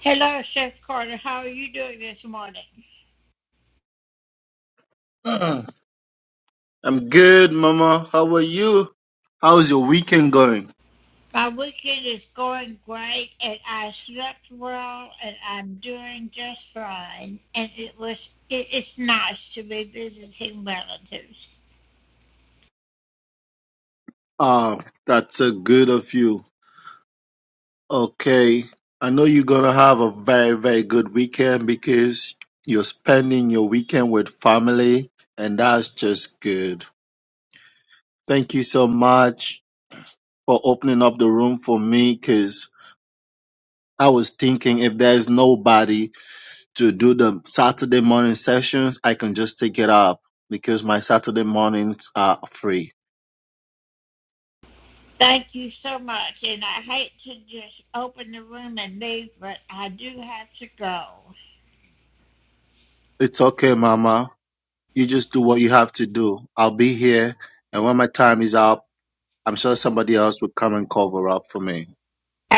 Hello, Chef Carter. How are you doing this morning? Mm. I'm good, Mama. How are you? How's your weekend going? My weekend is going great, and I slept well, and I'm doing just fine. And it was it, it's nice to be visiting relatives. Oh, that's a good of you. Okay. I know you're gonna have a very, very good weekend because you're spending your weekend with family, and that's just good. Thank you so much for opening up the room for me because I was thinking if there's nobody to do the Saturday morning sessions, I can just take it up because my Saturday mornings are free. Thank you so much. And I hate to just open the room and leave, but I do have to go. It's okay, Mama. You just do what you have to do. I'll be here, and when my time is up, I'm sure somebody else will come and cover up for me.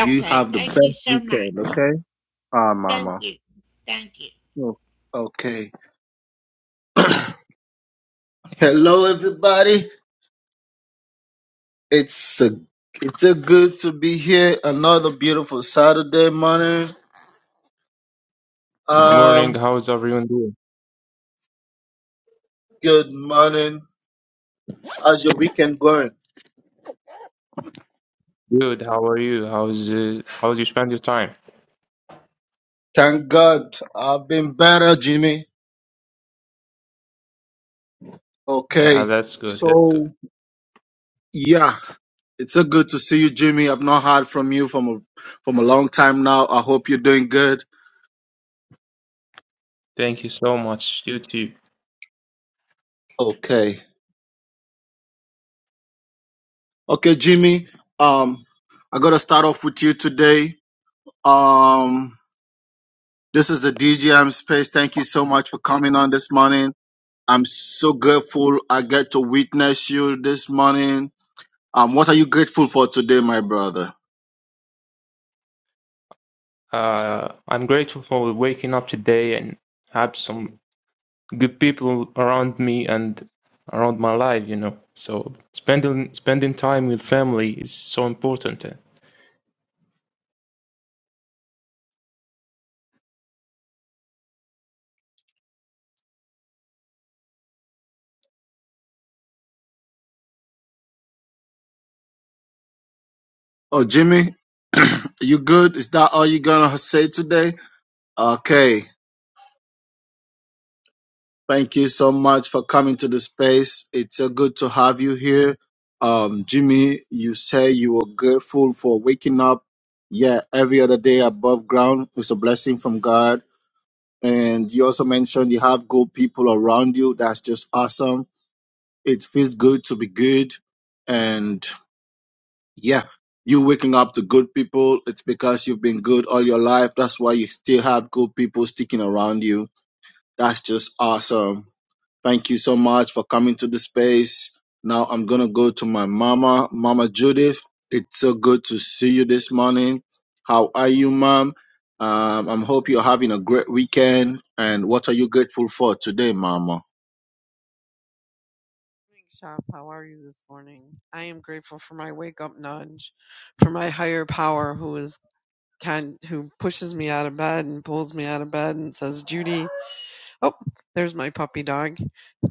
You have the Thank best you so weekend, much. okay? Ah, Thank Mama. you. Thank you. Oh, Okay. Hello, everybody. It's a it's a good to be here. Another beautiful Saturday morning. Good morning. Um, How's everyone doing? good morning. How's your weekend going? Good. How are you? How's uh, how do you spend your time? Thank God, I've been better, Jimmy. Yeah, Okay. that's good. That's good. So yeah. It's so good to see you, Jimmy. I've not heard from you from a from a long time now. I hope you're doing good. Thank you so much. You too. Okay. Okay, Jimmy. Um, I gotta start off with you today. Um, this is the DGM space. Thank you so much for coming on this morning. I'm so grateful I get to witness you this morning. Um, what are you grateful for today, my brother? Uh, I'm grateful for waking up today and have some good people around me and around my life, you know. So spending spending time with family is so important. Oh, Jimmy, you good? Is that all you're gonna say today? Okay. Thank you so much for coming to the space. It's so good to have you here. Um, Jimmy, you say you were grateful for waking up. Yeah, every other day above ground is a blessing from God. And you also mentioned you have good people around you. That's just awesome. It feels good to be good. And yeah, you waking up to good people. It's because you've been good all your life. That's why you still have good people sticking around you. That's just awesome. Thank you so much for coming to the space. Now I'm going to go to my mama, Mama Judith. It's so good to see you this morning. How are you, mom? Um, I hope you're having a great weekend. And what are you grateful for today, mama? morning, Shop. How are you this morning? I am grateful for my wake up nudge, for my higher power who is kind, who pushes me out of bed and pulls me out of bed and says, Judy, oh, there's my puppy dog.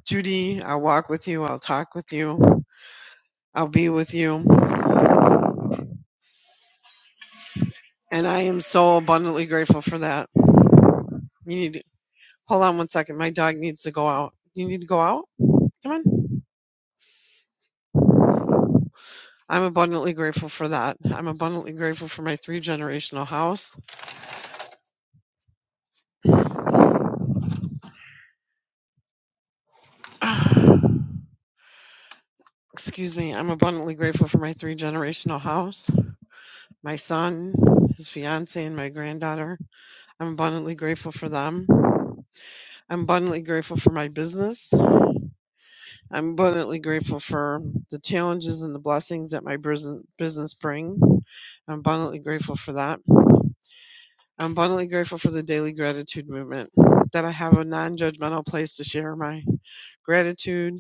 Judy, I'll walk with you. I'll talk with you. I'll be with you. And I am so abundantly grateful for that. You need to, hold on one second. My dog needs to go out. You need to go out? Come on. I'm abundantly grateful for that. I'm abundantly grateful for my three generational house. Excuse me, I'm abundantly grateful for my three generational house, my son, his fiance, and my granddaughter. I'm abundantly grateful for them. I'm abundantly grateful for my business. I'm abundantly grateful for the challenges and the blessings that my business business bring. I'm abundantly grateful for that. I'm abundantly grateful for the daily gratitude movement, that I have a non judgmental place to share my gratitude,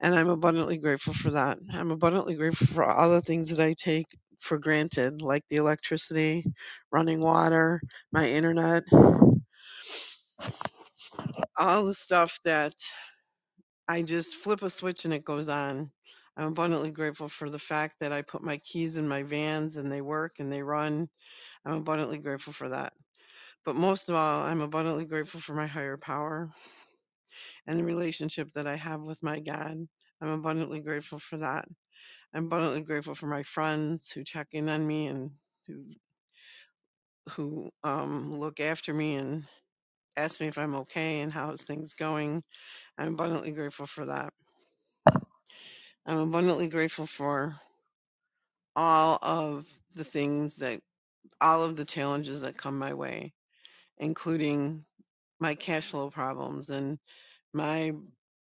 and I'm abundantly grateful for that. I'm abundantly grateful for all the things that I take for granted, like the electricity, running water, my internet, all the stuff that I just flip a switch and it goes on. I'm abundantly grateful for the fact that I put my keys in my vans and they work and they run. I'm abundantly grateful for that. But most of all, I'm abundantly grateful for my higher power and the relationship that I have with my God. I'm abundantly grateful for that. I'm abundantly grateful for my friends who check in on me and who who um, look after me and ask me if I'm okay and how's things going. I'm abundantly grateful for that. I'm abundantly grateful for all of the things that all of the challenges that come my way, including my cash flow problems and my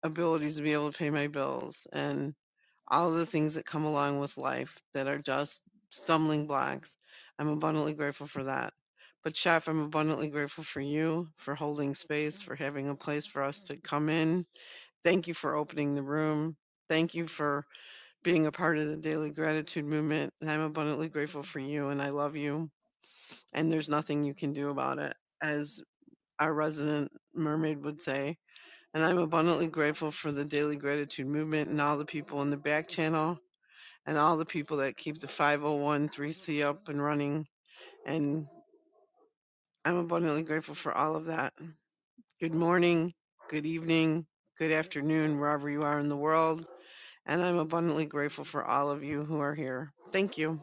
abilities to be able to pay my bills and all the things that come along with life that are just stumbling blocks. I'm abundantly grateful for that. But, Chef, I'm abundantly grateful for you, for holding space, for having a place for us to come in. Thank you for opening the room. Thank you for being a part of the daily gratitude movement. And I'm abundantly grateful for you, and I love you. And there's nothing you can do about it, as our resident mermaid would say. And I'm abundantly grateful for the daily gratitude movement and all the people in the back channel and all the people that keep the 501c up and running. And I'm abundantly grateful for all of that. Good morning, good evening, good afternoon, wherever you are in the world. And I'm abundantly grateful for all of you who are here. Thank you.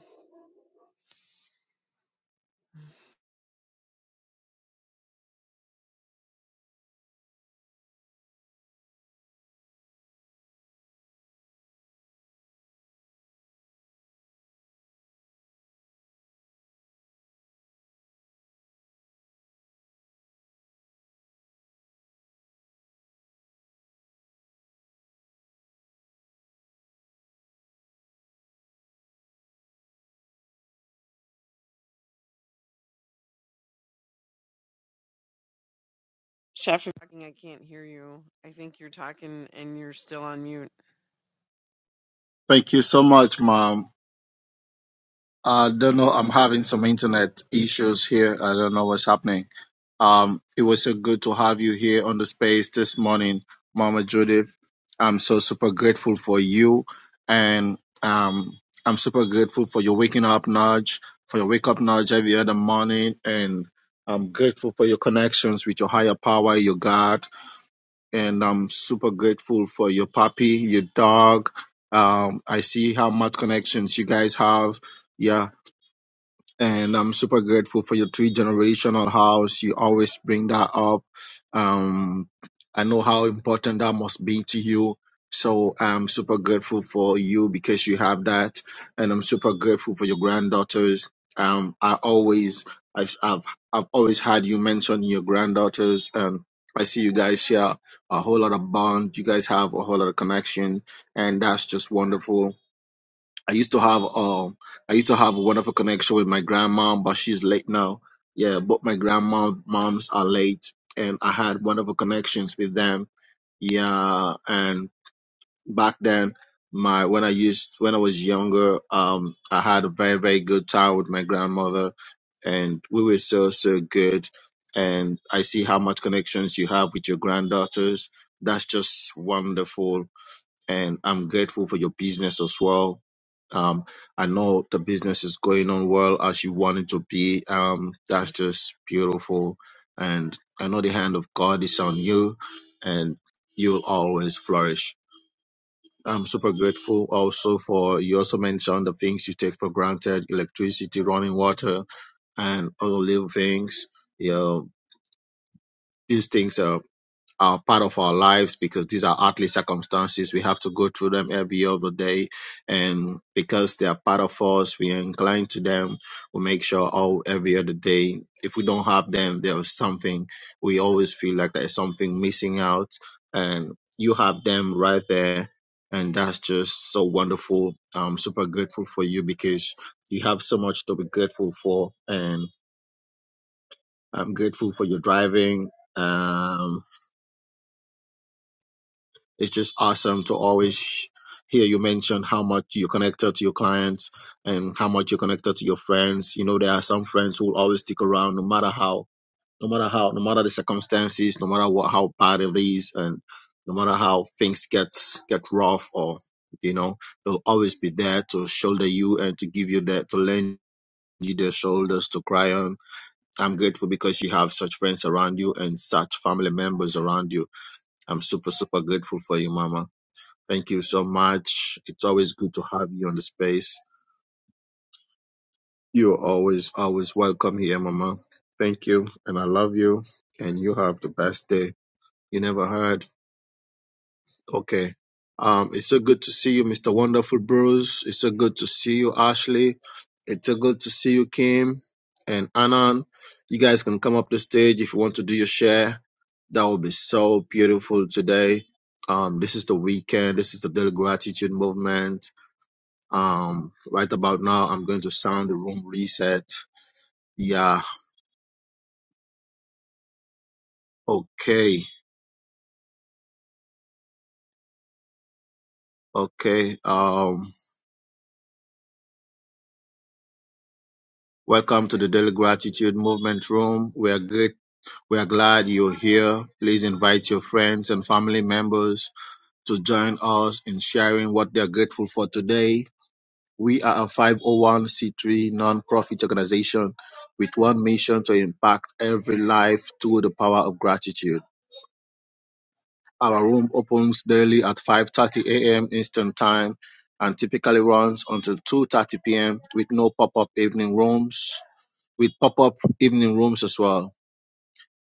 Chef, I can't hear you. I think you're talking and you're still on mute. Thank you so much, mom. I don't know. I'm having some internet issues here. I don't know what's happening. Um, it was so good to have you here on the space this morning, Mama Judith. I'm so super grateful for you, and um, I'm super grateful for your waking up nudge, for your wake up nudge every other morning, and I'm grateful for your connections with your higher power, your God, and I'm super grateful for your puppy, your dog. Um, I see how much connections you guys have. Yeah, and I'm super grateful for your three generational house. You always bring that up. Um, I know how important that must be to you. So I'm super grateful for you because you have that, and I'm super grateful for your granddaughters. Um, I always, I've, I've, I've always had you mention your granddaughters, and I see you guys share a whole lot of bond. You guys have a whole lot of connection, and that's just wonderful I used to have um I used to have a wonderful connection with my grandmom, but she's late now. Yeah, both my grandma moms are late and I had wonderful connections with them. Yeah, and back then my when I used when I was younger, um I had a very, very good time with my grandmother and we were so so good. And I see how much connections you have with your granddaughters. That's just wonderful and I'm grateful for your business as well. Um, I know the business is going on well as you want it to be. Um, that's just beautiful. And I know the hand of God is on you and you'll always flourish. I'm super grateful also for you also mentioned the things you take for granted, electricity, running water, and other little things. You know, these things are are part of our lives because these are earthly circumstances. We have to go through them every other day. And because they are part of us, we are inclined to them. We make sure all every other day. If we don't have them, there is something we always feel like there is something missing out. And you have them right there. And that's just so wonderful. I'm super grateful for you because you have so much to be grateful for. And I'm grateful for your driving. Um, it's just awesome to always hear you mention how much you're connected to your clients and how much you're connected to your friends. You know, there are some friends who will always stick around no matter how, no matter how, no matter the circumstances, no matter what, how bad it is, and no matter how things get get rough or you know, they'll always be there to shoulder you and to give you that to lend you their shoulders to cry on. I'm grateful because you have such friends around you and such family members around you. I'm super super grateful for you, Mama. Thank you so much. It's always good to have you on the space. You're always, always welcome here, Mama. Thank you. And I love you. And you have the best day. You never heard. Okay. Um, it's so good to see you, Mr. Wonderful Bruce. It's so good to see you, Ashley. It's so good to see you, Kim and Anon. You guys can come up the stage if you want to do your share. That will be so beautiful today. Um, this is the weekend. This is the Daily Gratitude Movement Um, right about now, I'm going to sound the room reset. Yeah. Okay. Okay. Um, welcome to the Daily Gratitude Movement Room. We are great. We are glad you're here. Please invite your friends and family members to join us in sharing what they are grateful for today. We are a 501c3 nonprofit organization with one mission to impact every life through the power of gratitude. Our room opens daily at 5:30 a.m. Eastern Time and typically runs until 2:30 p.m. with no pop-up evening rooms, with pop-up evening rooms as well.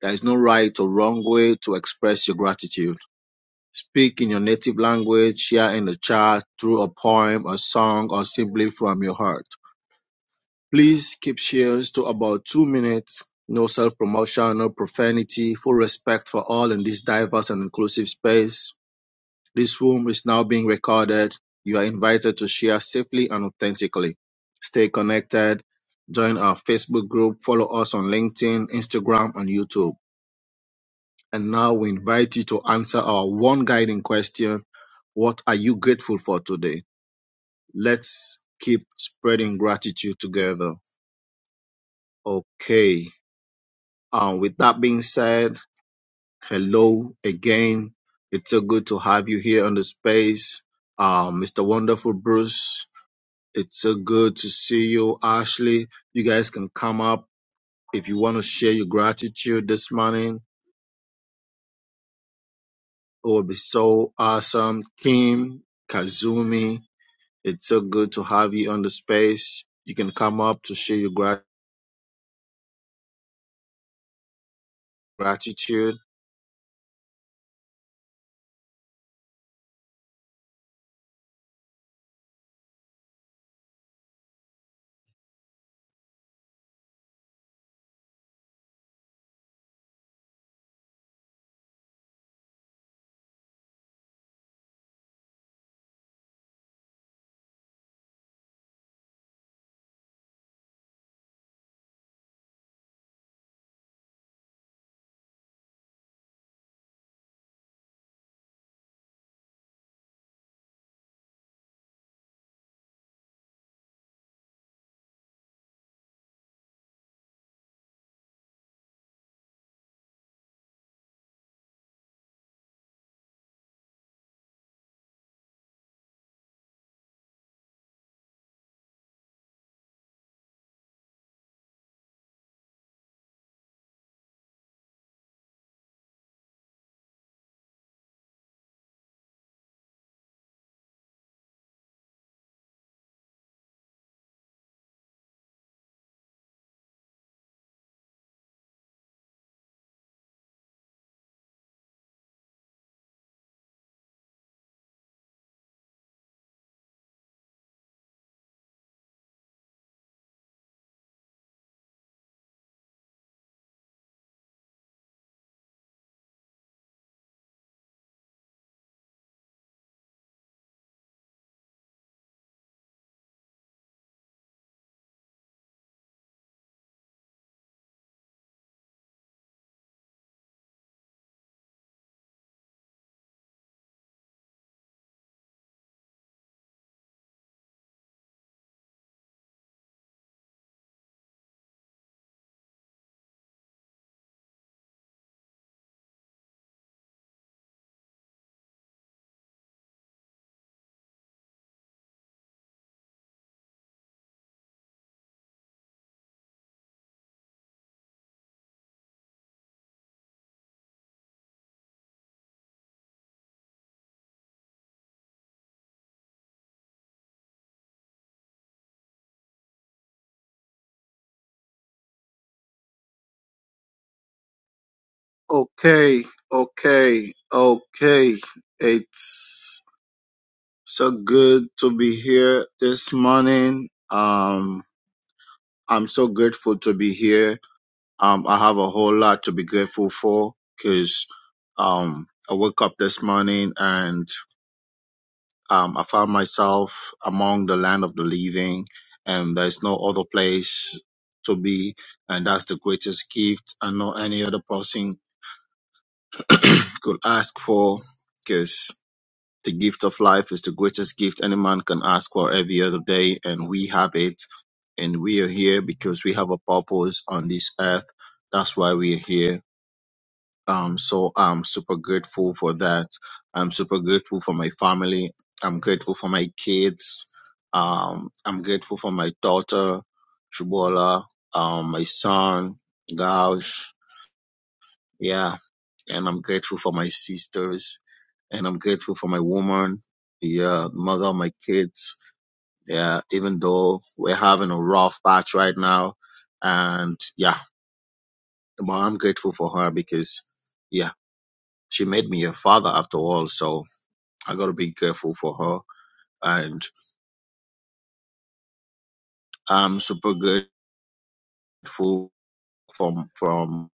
There is no right or wrong way to express your gratitude. Speak in your native language, share in the chat through a poem, a song, or simply from your heart. Please keep shares to about two minutes. No self promotion, no profanity, full respect for all in this diverse and inclusive space. This room is now being recorded. You are invited to share safely and authentically. Stay connected. Join our Facebook group. Follow us on LinkedIn, Instagram, and YouTube. And now we invite you to answer our one guiding question What are you grateful for today? Let's keep spreading gratitude together. Okay. Um, with that being said, hello again. It's so good to have you here on the space. Uh, Mr. Wonderful Bruce, It's so good to see you, Ashley. You guys can come up if you want to share your gratitude this morning. It would be so awesome. Kim, Kazumi, it's so good to have you on the space. You can come up to share your grat- gratitude. Okay, okay, okay. It's so good to be here this morning. Um, I'm so grateful to be here Um, I have a whole lot to be grateful for because um, I woke up this morning and um, I found myself among the land of the living, and there's no other place to be, and that's the greatest gift I know any other person could ask for because the gift of life is the greatest gift any man can ask for every other day, and we have it. And we are here because we have a purpose on this earth. That's why we are here Um, so I'm super grateful for that. I'm super grateful for my family. I'm grateful for my kids. Um, I'm grateful for my daughter, Shubola, um, my son, Gaush. Yeah. And I'm grateful for my sisters. And I'm grateful for my woman, the uh, mother of my kids. Yeah. Even though we're having a rough patch right now. And yeah, but I'm grateful for her because, yeah she made me a father after all, so I got to be careful for her. And I'm super grateful from from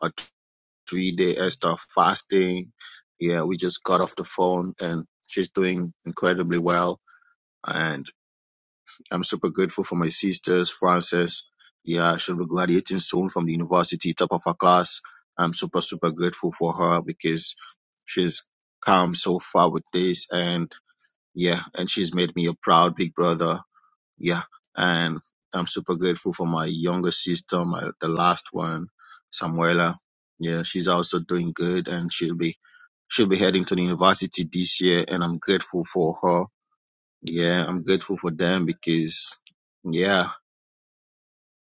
a three day Esther fasting. Yeah, we just got off the phone, and she's doing incredibly well. And I'm super grateful for my sisters, Frances. Yeah, she'll be graduating soon from the university, top of her class. I'm super super grateful for her because she's come so far with this, and yeah, and she's made me a proud big brother yeah and i'm super grateful for my younger sister my the last one samuela yeah she's also doing good and she'll be she'll be heading to the university this year and i'm grateful for her yeah i'm grateful for them because yeah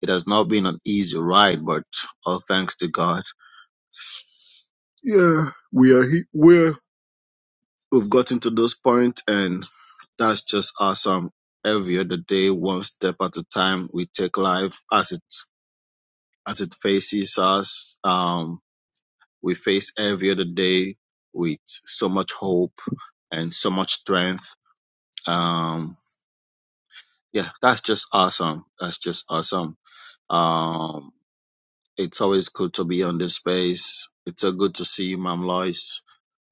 it has not been an easy ride but all thanks to god yeah we are he- we're we've gotten to this point and that's just awesome every other day one step at a time we take life as it as it faces us. Um, we face every other day with so much hope and so much strength. Um, yeah, that's just awesome. That's just awesome. Um, it's always good to be on this space. It's so good to see you, Ma'am Lois.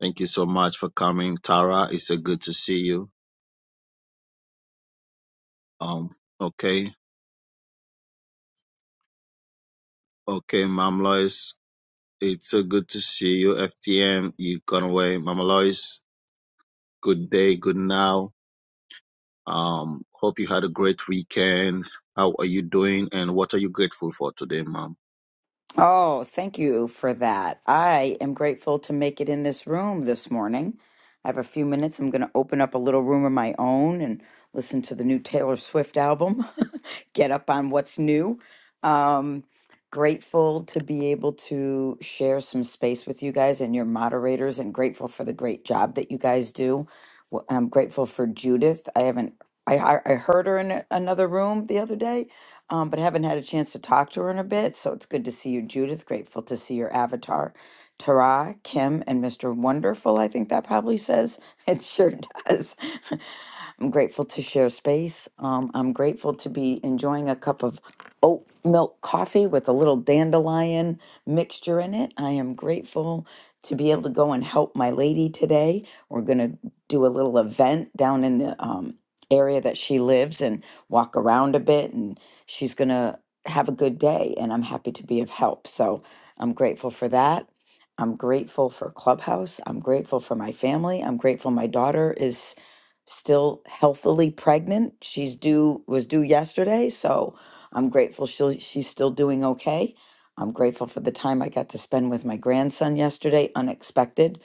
Thank you so much for coming, Tara. It's so good to see you. Um, okay, okay, Ma'am Lois. It's so good to see you, FTM. You gone away, Mama Lois. Good day, good now Um, hope you had a great weekend. How are you doing? And what are you grateful for today, Mom? Oh, thank you for that. I am grateful to make it in this room this morning. I have a few minutes. I'm going to open up a little room of my own and listen to the new Taylor Swift album, get up on what's new. Um, grateful to be able to share some space with you guys and your moderators, and grateful for the great job that you guys do. Wh- I'm grateful for Judith. I haven't. I, I I heard her in a- another room the other day, um, but haven't had a chance to talk to her in a bit. So it's good to see you, Judith. Grateful to see your avatar, Tara, Kim, and Mr. Wonderful. I think that probably says it sure does. I'm grateful to share space. Um, I'm grateful to be enjoying a cup of oat milk coffee with a little dandelion mixture in it. I am grateful to be able to go and help my lady today. We're going to do a little event down in the um, area that she lives and walk around a bit. And she's going to have a good day. And I'm happy to be of help. So I'm grateful for that. I'm grateful for Clubhouse. I'm grateful for my family. I'm grateful my daughter is still healthily pregnant. She's due was due yesterday, so I'm grateful she she's still doing okay. I'm grateful for the time I got to spend with my grandson yesterday, unexpected.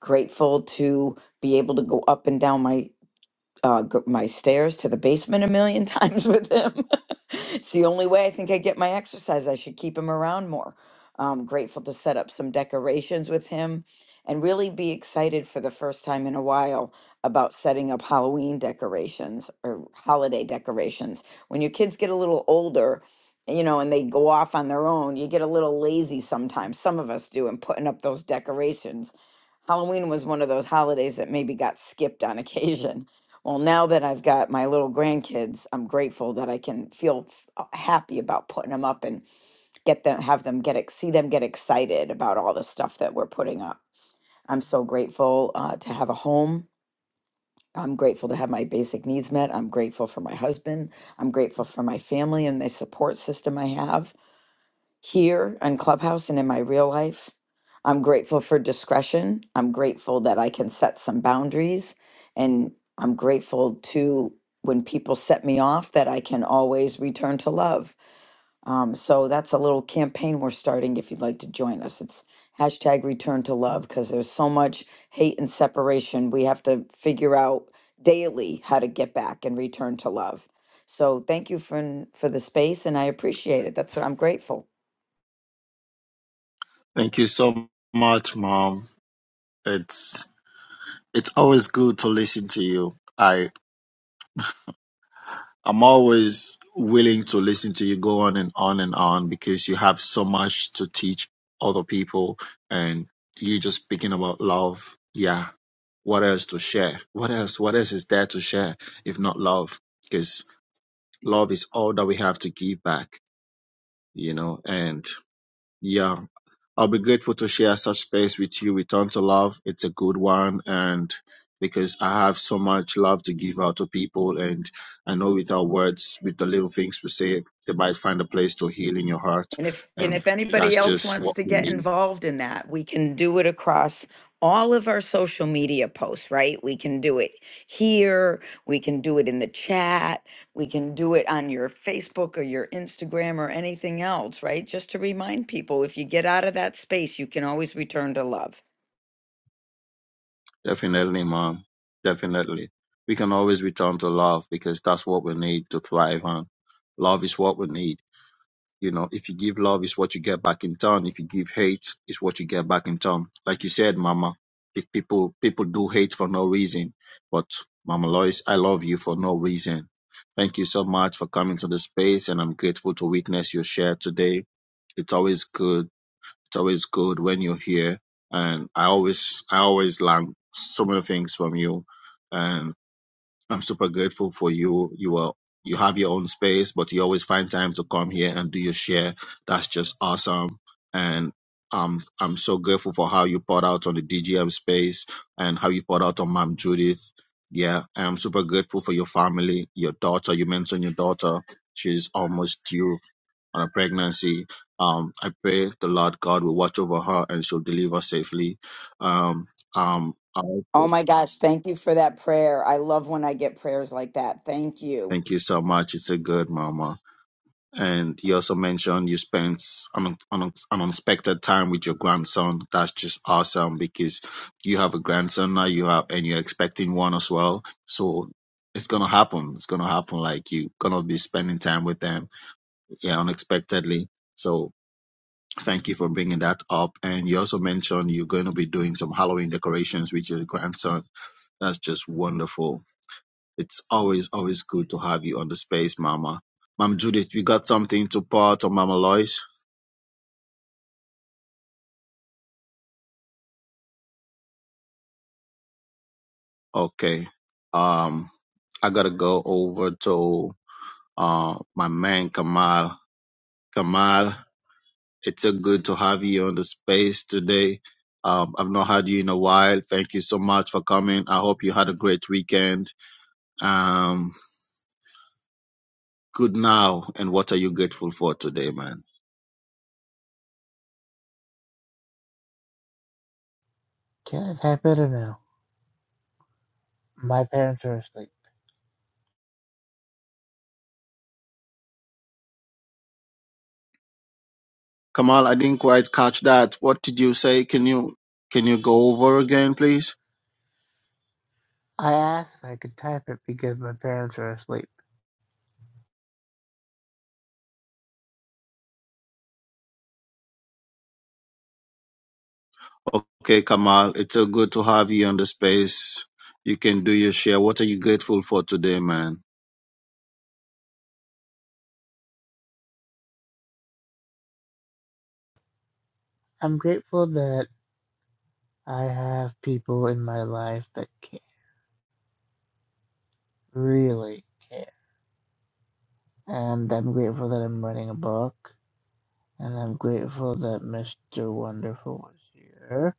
Grateful to be able to go up and down my uh, g- my stairs to the basement a million times with him. it's the only way I think I get my exercise. I should keep him around more. I'm grateful to set up some decorations with him and really be excited for the first time in a while about setting up Halloween decorations or holiday decorations. When your kids get a little older, you know, and they go off on their own, you get a little lazy sometimes. Some of us do in putting up those decorations. Halloween was one of those holidays that maybe got skipped on occasion well, now that I've got my little grandkids, I'm grateful that I can feel f- uh, happy about putting them up and get them, have them get, ex- see them get excited about all the stuff that we're putting up. I'm so grateful uh, to have a home. I'm grateful to have my basic needs met. I'm grateful for my husband. I'm grateful for my family and the support system I have here on Clubhouse and in my real life. I'm grateful for discretion. I'm grateful that I can set some boundaries. And I'm grateful to when people set me off that I can always return to love. Um, so that's a little campaign we're starting if you'd like to join us. It's hashtag return to love because there's so much hate and separation. We have to figure out daily how to get back and return to love. So thank you for, for the space and I appreciate it. That's what I'm grateful. Thank you so much, Mom. It's it's always good to listen to you. I I'm always willing to listen to you go on and on and on because you have so much to teach other people and you just speaking about love. Yeah. What else to share? What else? What else is there to share if not love? Because love is all that we have to give back you know, and Yeah, I'll be grateful to share such space with you. Return to love. It's a good one. And because I have so much love to give out to people, and I know with our words, with the little things we say, they might find a place to heal in your heart. And if, and And if anybody that's else just wants what to we get need. involved in that, we can do it across all of our social media posts, right? We can do it here, we can do it in the chat, we can do it on your Facebook or your Instagram or anything else, right? Just to remind people, if you get out of that space, you can always return to love. Definitely, mom. Definitely. We can always return to love because that's what we need to thrive on. Love is what we need. You know, if you give love, it's what you get back in turn. If you give hate, it's what you get back in turn. Like you said, Mama, if people people do hate for no reason, but Mama Lois, I love you for no reason. Thank you so much for coming to the space, and I'm grateful to witness your share today. It's always good. It's always good when you're here, and I always I always learn so many things from you. and. I'm super grateful for you. You are you have your own space, but you always find time to come here and do your share. That's just awesome. And um, I'm so grateful for how you poured out on the DGM space and how you poured out on Mom Judith. Yeah, I'm super grateful for your family, your daughter. You mentioned your daughter. She's almost due on a pregnancy. Um, I pray the Lord God will watch over her and she'll deliver safely. Um, um, I Oh also- my gosh, thank you for that prayer. I love when I get prayers like that. Thank you. thank you so much. It's a good mama. And you also mentioned you spent an, an, an unexpected time with your grandson. That's just awesome because you have a grandson now, you have, and you're expecting one as well. So it's gonna happen. It's gonna happen. Like you're gonna be spending time with them, yeah, unexpectedly. So thank you for bringing that up. And you also mentioned you're going to be doing some Halloween decorations with your grandson. That's just wonderful. It's always, always good to have you on the space, Mama. Mom Judith, you got something to part on Mama Lois? Okay. Um, I gotta go over to uh my man Kamal. Kamal, it's so good to have you on the space today. Um, I've not had you in a while. Thank you so much for coming. I hope you had a great weekend. Um, good now. And what are you grateful for today, man? Can't have had better now. My parents are asleep. Kamal, I didn't quite catch that. What did you say? Can you can you go over again, please? I asked if I could type it because my parents are asleep. Okay, Kamal, it's so good to have you on the space. You can do your share. What are you grateful for today, man? I'm grateful that I have people in my life that care, really care. And I'm grateful that I'm writing a book. And I'm grateful that Mr. Wonderful was here.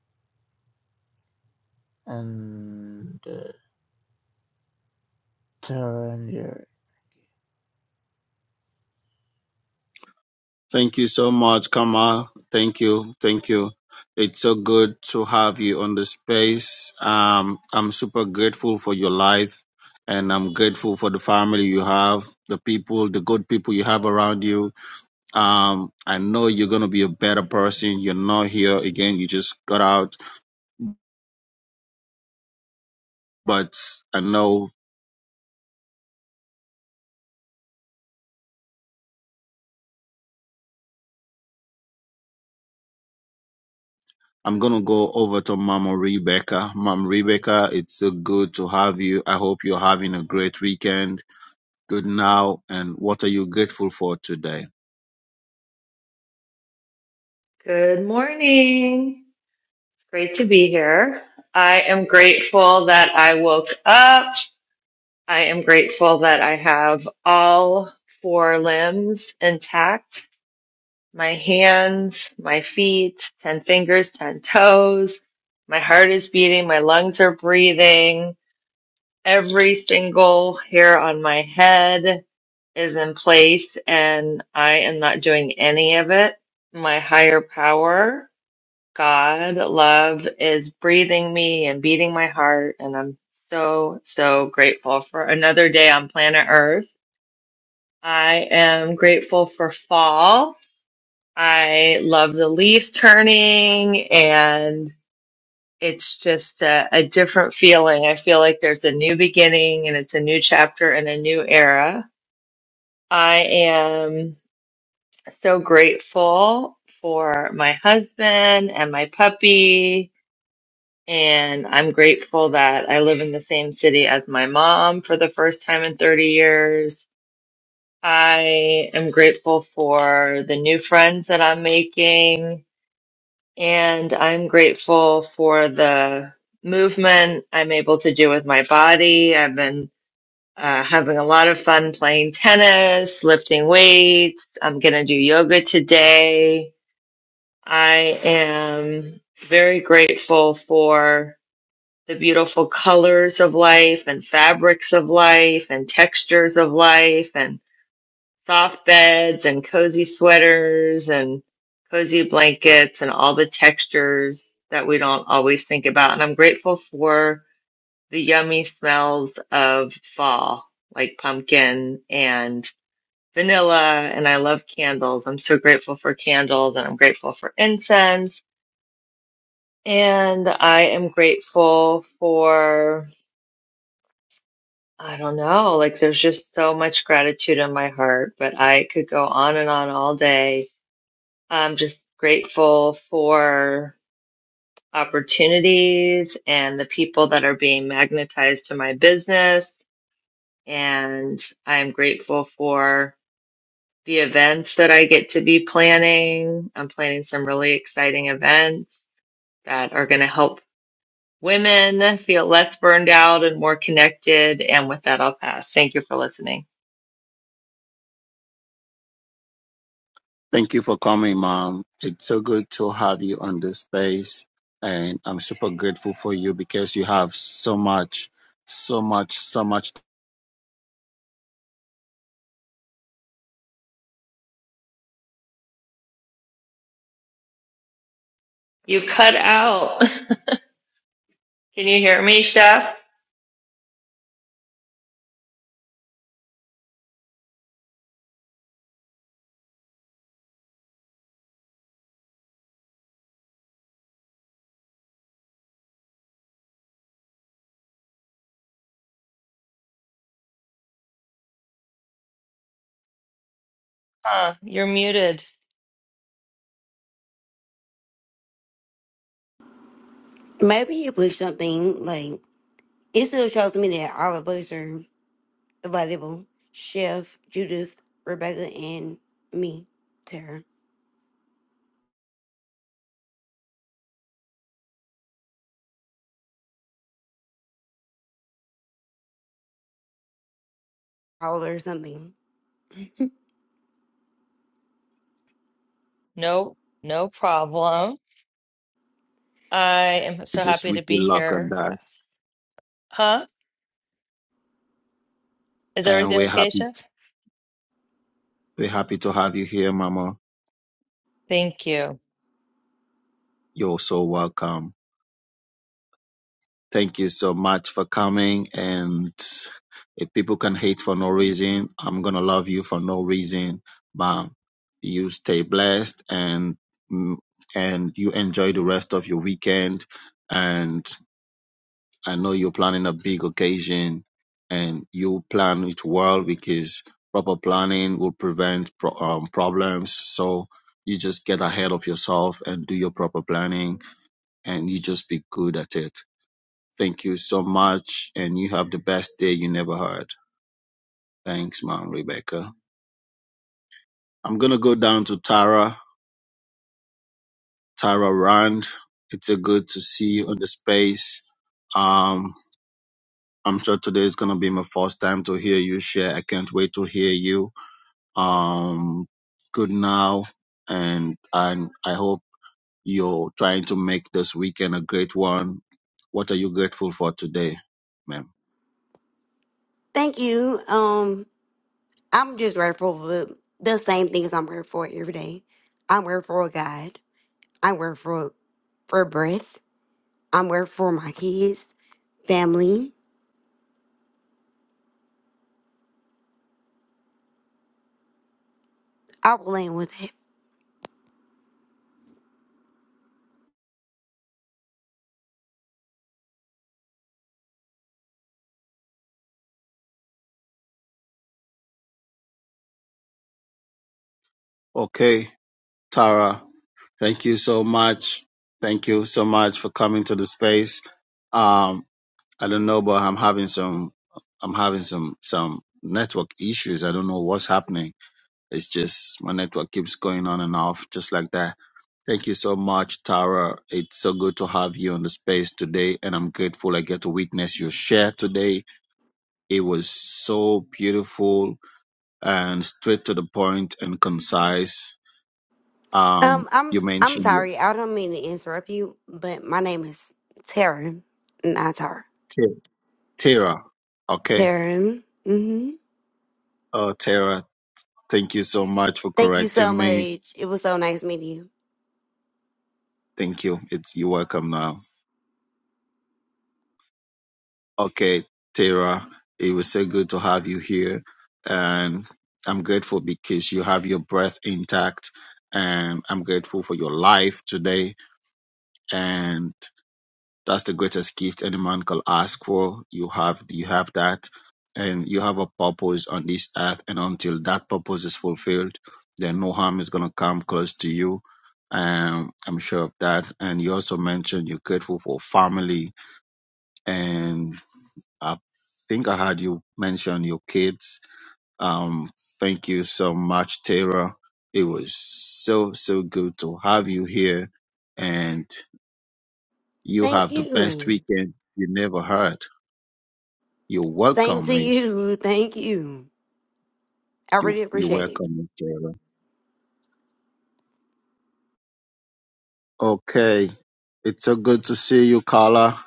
And uh, Tara and Jerry. Thank you so much, Kamal. Thank you, thank you. It's so good to have you on the space. Um, I'm super grateful for your life, and I'm grateful for the family you have, the people, the good people you have around you Um, I know you're going to be a better person. You're not here again. You just got out, but I know I'm going to go over to Mama Rebecca. Mom Rebecca, it's so good to have you. I hope you're having a great weekend. Good now. And what are you grateful for today? Good morning. Great to be here. I am grateful that I woke up. I am grateful that I have all four limbs intact my hands, my feet, 10 fingers, 10 toes. My heart is beating, my lungs are breathing. Every single hair on my head is in place, and I am not doing any of it. My higher power. God love is breathing me and beating my heart, and I'm so, so grateful for another day on planet Earth. I am grateful for fall. I love the leaves turning, and it's just a, a different feeling. I feel like there's a new beginning, and it's a new chapter and a new era. I am so grateful for my husband and my puppy And I'm grateful that I live in the same city as my mom for the first time in 30 years. I am grateful for the new friends that I'm making. And I'm grateful for the movement I'm able to do with my body. I've been uh, having a lot of fun playing tennis, lifting weights. I'm going to do yoga today. I am very grateful for the beautiful colors of life and fabrics of life and textures of life and soft beds and cozy sweaters and cozy blankets and all the textures that we don't always think about. And I'm grateful for the yummy smells of fall, like pumpkin and vanilla. And I love candles. I'm so grateful for candles and I'm grateful for incense. And I am grateful for I don't know. Like, there's just so much gratitude in my heart, but I could go on and on all day. I'm just grateful for opportunities and the people that are being magnetized to my business. And I'm grateful for the events that I get to be planning. I'm planning some really exciting events that are going to help women feel less burned out and more connected. And with that, I'll pass. Thank you for listening. Thank you for coming, Mom. It's so good to have you on this space. And I'm super grateful for you because you have so much, so much, so much. You cut out. Can you hear me, Chef? Huh, you're muted. Maybe you put something like it still shows me that all of us are available. Chef, Judith, Rebecca, and me, Tara, Paula, or something. No, no problem. I am I so just happy wish to you be luck on here. that. Huh? Is And everything we're okay, happy Chef? We're happy to have you here, Mama. Thank you. You're so welcome. Thank you so much for coming. And if people can hate for no reason, I'm going to love you for no reason. But you stay blessed and mm, and you enjoy the rest of your weekend. And I know you're planning a big occasion and you plan it well because proper planning will prevent pro- um, problems. So you just get ahead of yourself and do your proper planning and you just be good at it. Thank you so much, and you have the best day you never had. Thanks, Mom Rebecca. I'm gonna go down to Tara, Tara Rand. It's a good to see you on the space. Um, I'm sure today is gonna be my first time to hear you share. I can't wait to hear you. Um, good now, and and I hope you're trying to make this weekend a great one. What are you grateful for today, ma'am? Thank you. Um, I'm just grateful for the same things I'm grateful for every day. I'm grateful for God. I'm grateful for breath. I'm grateful for my kids, family. I will end with that. Okay, Tara. Thank you so much. Thank you so much for coming to the space. Um, I don't know, but I'm having some, I'm having some, some network issues. I don't know what's happening. It's just my network keeps going on and off just like that. Thank you so much, Tara. It's so good to have you on the space today. And I'm grateful I get to witness your share today. It was so beautiful and straight to the point and concise. Um, Um, I'm you I'm mentioned sorry. I don't mean to interrupt you, but my name is Tara, not Tara. your Tara. Okay. Taryn. hmm Oh, Tara, thank you so much for Thank you so correcting me. much. It was so nice meeting you. Thank you. It's you're welcome now. Okay, Tara, it was so good to have you here, and I'm grateful because you have your breath intact, and I'm grateful for your life today, and. That's the greatest gift any man can ask for. You have you have that, and you have a purpose on this earth. And until that purpose is fulfilled, then no harm is gonna come close to you. Um, I'm sure of that. And you also mentioned you're grateful for family, and I think I heard you mention your kids. Um, thank you so much, Tara. It was so so good to have you here, and you Thank have the best you. weekend you never heard. You're Same welcome, to Miss. you. Thank you. I you really you're appreciate it. welcome, Miss Taylor. Okay. It's so good to see you, Carla.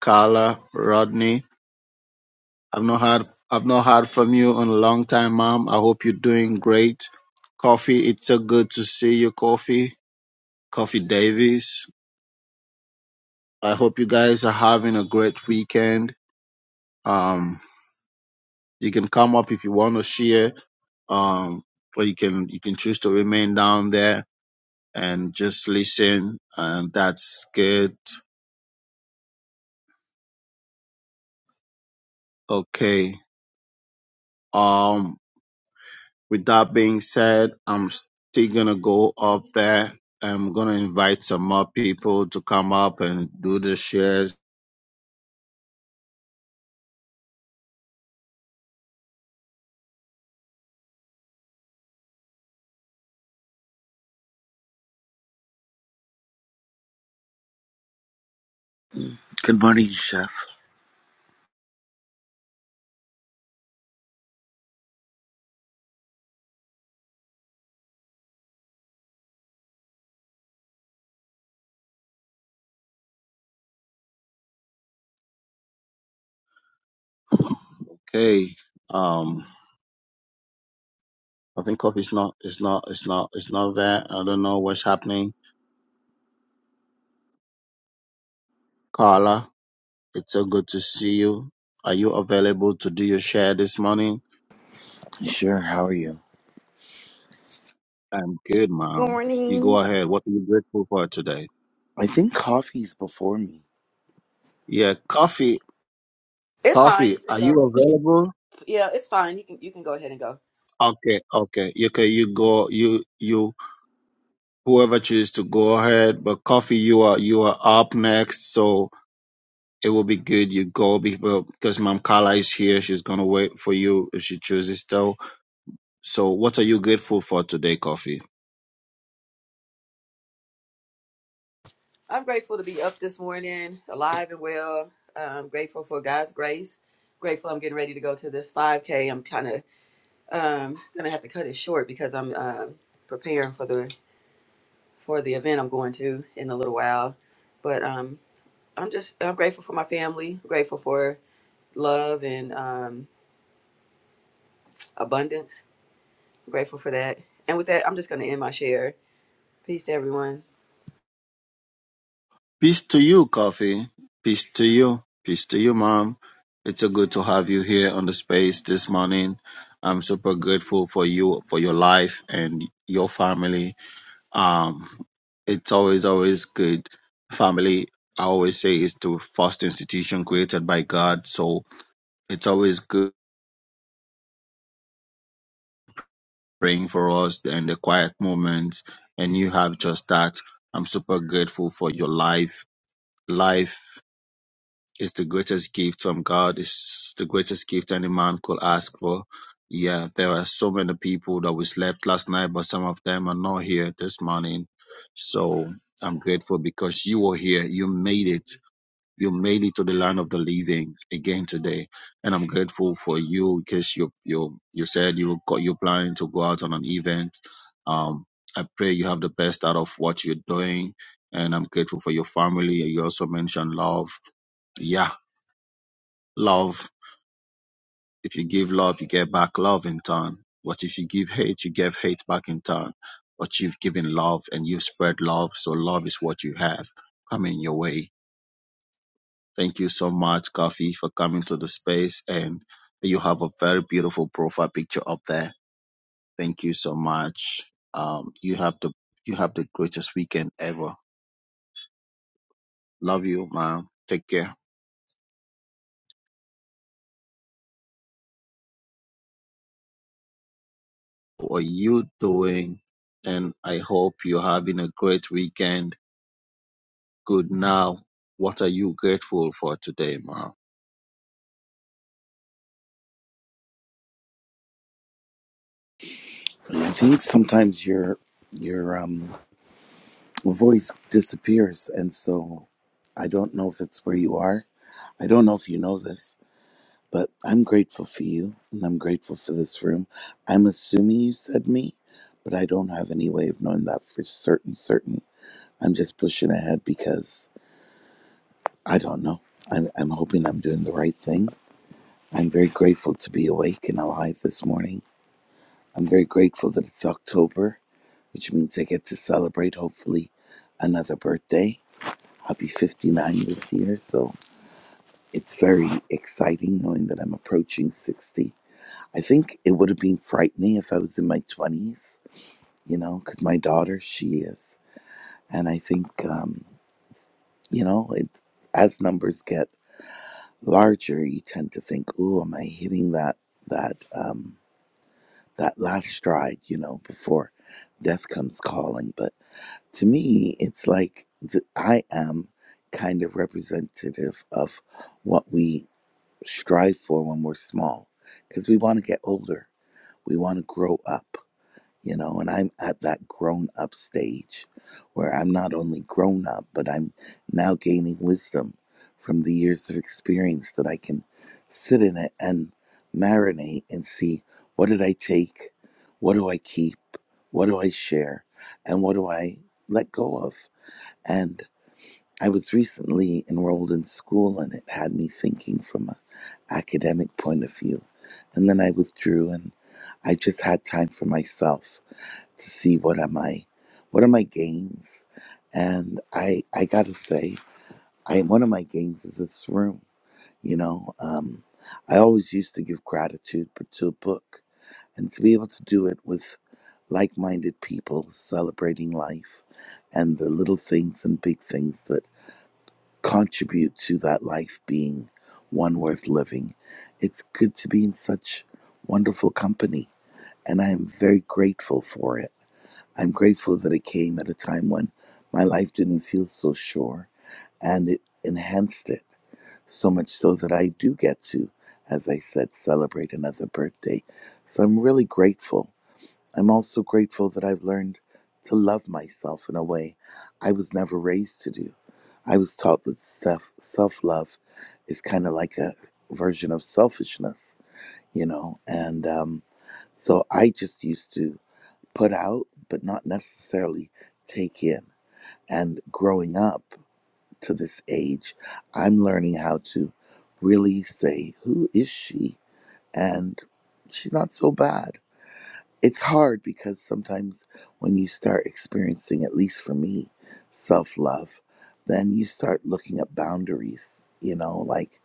Carla, Rodney. I've not heard I've not heard from you in a long time, Mom. I hope you're doing great. Coffee, it's so good to see you, Coffee. Coffee Davis. I hope you guys are having a great weekend. Um, you can come up if you want to share. Um, or you can you can choose to remain down there and just listen, and that's good. Okay. Um, with that being said, I'm still gonna go up there. I'm gonna invite some more people to come up and do the shares. Good morning, Chef. Okay. Um, I think coffee's not, it's not, it's not, it's not there. I don't know what's happening. Carla, it's so good to see you. Are you available to do your share this morning? Sure, how are you? I'm good, Good ma'am. You go morning. ahead. What are you grateful for today? I think coffee's before me. Yeah, coffee, It's fine. coffee. You can Are you go. available? Yeah, it's fine. You can you can go ahead and go. Okay, okay, You- okay. You go, you you whoever choose to go ahead. But coffee, you are you are up next, so it will be good. You go before because Mom Carla is here. She's gonna wait for you if she chooses to. So, what are you grateful for today, coffee? I'm grateful to be up this morning, alive and well. I'm grateful for God's grace. Grateful I'm getting ready to go to this 5K. I'm kind of um gonna have to cut it short because I'm um preparing for the for the event I'm going to in a little while. But um I'm just I'm grateful for my family. Grateful for love and um abundance. Grateful for that. And with that, I'm just gonna end my share. Peace to everyone. Peace to you, coffee. Peace to you. Peace to you, Mom. It's so good to have you here on the space this morning. I'm super grateful for you, for your life and your family um it's always always good family i always say is the first institution created by god so it's always good praying for us in the quiet moments and you have just that i'm super grateful for your life life is the greatest gift from god it's the greatest gift any man could ask for yeah there are so many people that we slept last night but some of them are not here this morning so i'm grateful because you were here you made it you made it to the land of the living again today and i'm grateful for you because you you you said you got you planning to go out on an event um i pray you have the best out of what you're doing and i'm grateful for your family you also mentioned love yeah love if you give love you get back love in turn but if you give hate you give hate back in turn but you've given love and you've spread love so love is what you have coming your way Thank you so much, Coffee, for coming to the space. And you have a very beautiful profile picture up there. Thank you so much. Um, you have the you have the greatest weekend ever. Love you, ma'am. Take care. What are you doing? And I hope you're having a great weekend. Good now. What are you grateful for today, ma'am? I think sometimes your your um voice disappears and so I don't know if it's where you are. I don't know if you know this, but I'm grateful for you and I'm grateful for this room. I'm assuming you said me, but I don't have any way of knowing that for certain certain. I'm just pushing ahead because I don't know. I'm I'm hoping I'm doing the right thing. I'm very grateful to be awake and alive this morning. I'm very grateful that it's October, which means I get to celebrate, hopefully, another birthday. I'll be 59 this year, so it's very exciting knowing that I'm approaching 60. I think it would have been frightening if I was in my 20s, you know, because my daughter, she is. And I think, um, you know, it, as numbers get larger, you tend to think, "Oh, am I hitting that that um, that last stride?" You know, before death comes calling. But to me, it's like th- I am kind of representative of what we strive for when we're small, because we want to get older, we want to grow up, you know. And I'm at that grown up stage where I'm not only grown up, but I'm now gaining wisdom from the years of experience that I can sit in it and marinate and see what did I take, what do I keep, what do I share, and what do I let go of and I was recently enrolled in school, and it had me thinking from an academic point of view. And then I withdrew, and I just had time for myself to see what am I, what are my gains, and I I gotta say, I one of my gains is this room. You know, um, I always used to give gratitude but to a book, and to be able to do it with like-minded people celebrating life and the little things and big things that contribute to that life being one worth living. It's good to be in such wonderful company, and I am very grateful for it. I'm grateful that it came at a time when my life didn't feel so sure, and it enhanced it so much so that I do get to, as I said, celebrate another birthday. So I'm really grateful I'm also grateful that I've learned to love myself in a way I was never raised to do. I was taught that self self love is kind of like a version of selfishness, you know, and um, so I just used to put out, but not necessarily take in. And growing up to this age, I'm learning how to really say, "Who is she?" and she's not so bad it's hard because sometimes when you start experiencing, at least for me, self love, then you start looking at boundaries, you know, like,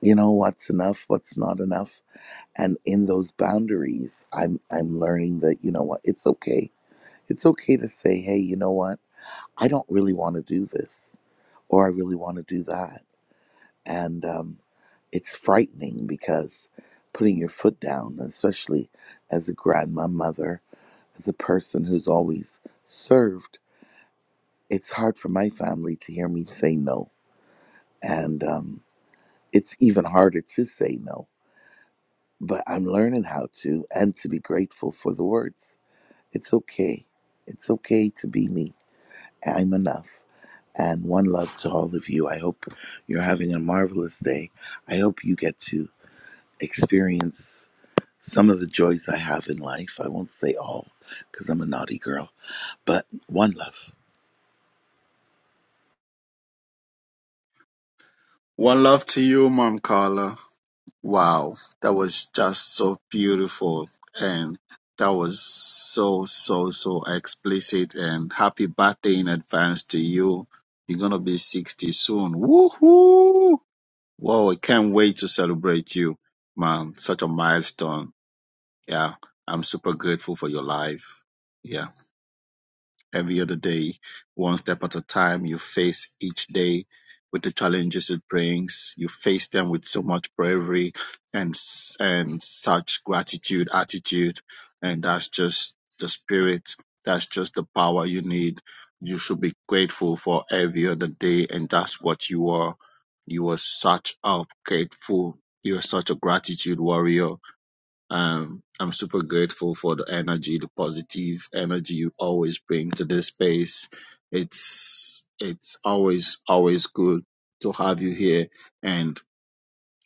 you know, what's enough, what's not enough. And in those boundaries, I'm I'm learning that, you know what, it's okay. It's okay to say, hey, you know what, I don't really want to do this or I really want to do that. And um, it's frightening because putting your foot down, especially as a grandma mother as a person who's always served, it's hard for my family to hear me say no. And um, it's even harder to say no. But I'm learning how to and to be grateful for the words. It's okay. It's okay to be me. I'm enough. And one love to all of you. I hope you're having a marvelous day. I hope you get to experience some of the joys I have in life. I won't say all because I'm a naughty girl, but one love. One love to you, mom Carla. Wow, that was just so beautiful and that was so so so explicit and happy birthday in advance to you. You're gonna be 60 soon. Woohoo! Wow, I can't wait to celebrate you, man. Such a milestone. Yeah, I'm super grateful for your life. Yeah every other day, one step at a time. You face each day with the challenges it brings. You face them with so much bravery and and such gratitude, attitude, and that's just the spirit. That's just the power you need. You should be grateful for every other day, and that's what you are. You are such a grateful. You are such a gratitude warrior um, I'm super grateful for the energy, the positive energy you always bring to this space. It's it's always always good to have you here, and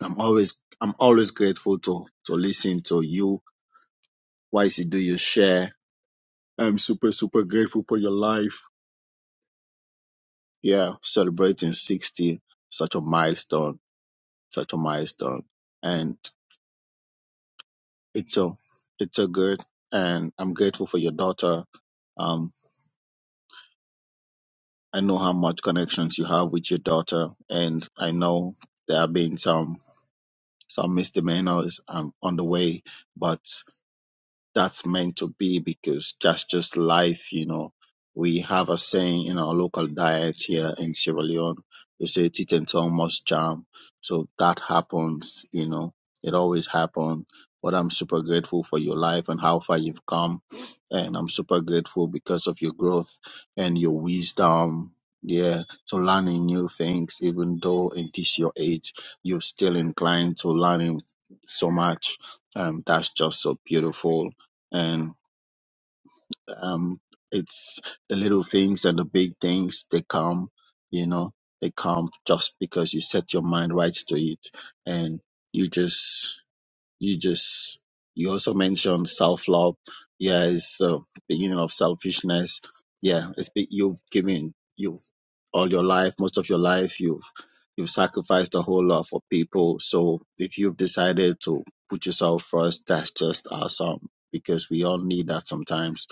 I'm always I'm always grateful to to listen to you. Why is it do you share? I'm super super grateful for your life. Yeah, celebrating 60, such a milestone, such a milestone, and it's a it's a good, and I'm grateful for your daughter. Um, I know how much connections you have with your daughter, and I know there have been some some misdemeanors um, on the way, but that's meant to be because that's just life, you know. We have a saying in our local diet here in Sierra Leone. They say teeth and tongue must jam. So that happens, you know. It always happens. But I'm super grateful for your life and how far you've come. And I'm super grateful because of your growth and your wisdom. Yeah, to learning new things, even though in this your age, you're still inclined to learning so much. Um, that's just so beautiful and um, it's the little things and the big things they come you know they come just because you set your mind right to it and you just you just you also mentioned self love. Yeah, it's uh, beginning of selfishness. Yeah, it's be- you've given you've all your life, most of your life, you've you've sacrificed a whole lot for people. So if you've decided to put yourself first, that's just awesome because we all need that sometimes.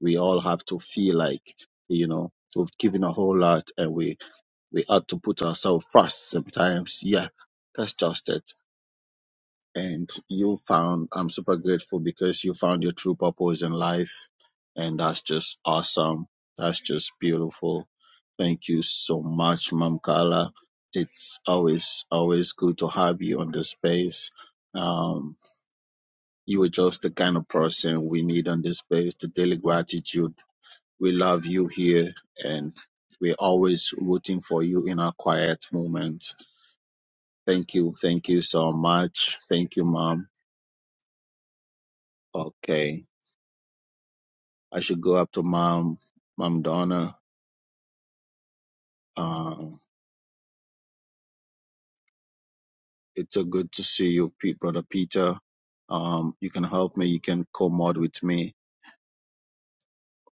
We all have to feel like you know we've given a whole lot and we we ought to put ourselves first sometimes. Yeah, that's just it and you found i'm super grateful because you found your true purpose in life and that's just awesome that's just beautiful thank you so much mom carla it's always always good to have you on this space um, you are just the kind of person we need on this space the daily gratitude we love you here and we're always rooting for you in our quiet moments thank you thank you so much thank you mom okay I should go up to Mom, Mom Donna. Um, it's a good to see you, Pete, Brother Peter. Um, you can help me. You can co-mod with me.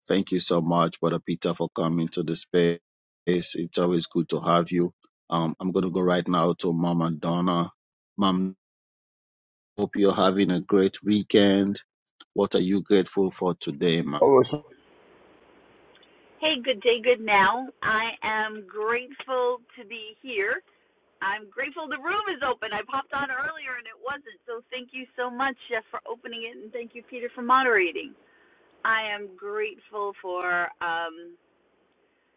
Thank you so much, Brother Peter, for coming to the space. It's always good to have you. Um, I'm going to go right now to Mom and Donna. Mom, hope you're having a great weekend. What are you grateful for today, Mom? Oh, it's- Hey, good day, good now. I am grateful to be here. I'm grateful the room is open. I popped on earlier and it wasn't, so thank you so much, Jeff, for opening it, and thank you, Peter, for moderating. I am grateful for um,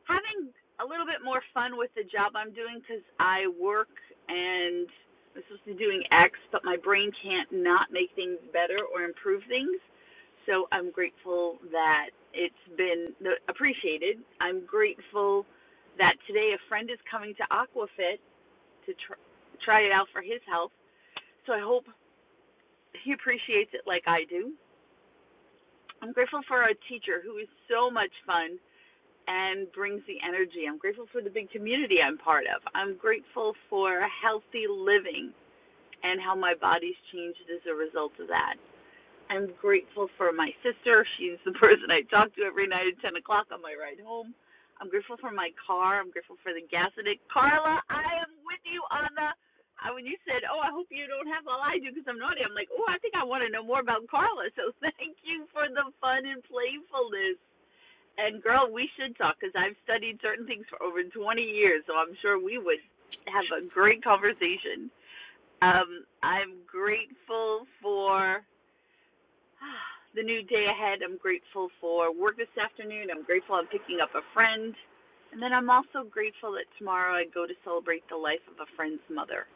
having a little bit more fun with the job I'm doing because I work and I'm supposed to be doing X, but my brain can't not make things better or improve things. So I'm grateful that it's been no- appreciated. I'm grateful that today a friend is coming to Aquafit to tr- try it out for his health. So I hope he appreciates it like I do. I'm grateful for our teacher who is so much fun and brings the energy. I'm grateful for the big community I'm part of. I'm grateful for healthy living and how my body's changed as a result of that. I'm grateful for my sister. She's the person I talk to every night at 10 o'clock on my ride home. I'm grateful for my car. I'm grateful for the gas in it. Carla, I am with you on the. uh, when you said, "Oh, I hope you don't have all I do because I'm naughty," I'm like, "Oh, I think I want to know more about Carla." So thank you for the fun and playfulness. And girl, we should talk because I've studied certain things for over 20 years, so I'm sure we would have a great conversation. Um, I'm grateful for ah, the new day ahead. I'm grateful for work this afternoon. I'm grateful I'm picking up a friend. And then I'm also grateful that tomorrow I go to celebrate the life of a friend's mother.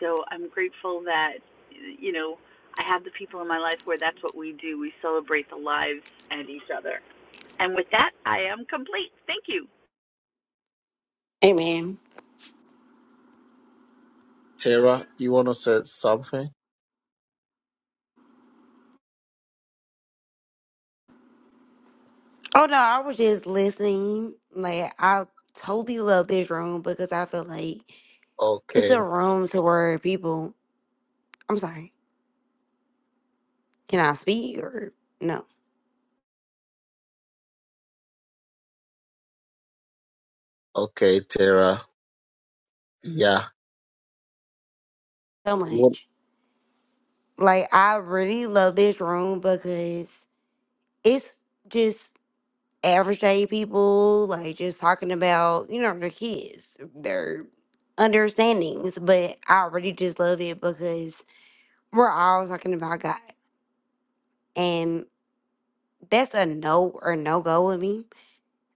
So I'm grateful that, you know, I have the people in my life where that's what we do. We celebrate the lives and each other. And with that, I am complete. Thank you. Amen. Tara, you want to say something? Oh no, I was just listening. Like I totally love this room because I feel like it's Okay. a room to where people I'm sorry, can I speak or no? Okay, Tara. Yeah. So You want much. Like I really love this room because it's just average day people, like just talking about, you know, their kids, their understandings. But I really just love it because we're all talking about God. And that's a no or no go with me.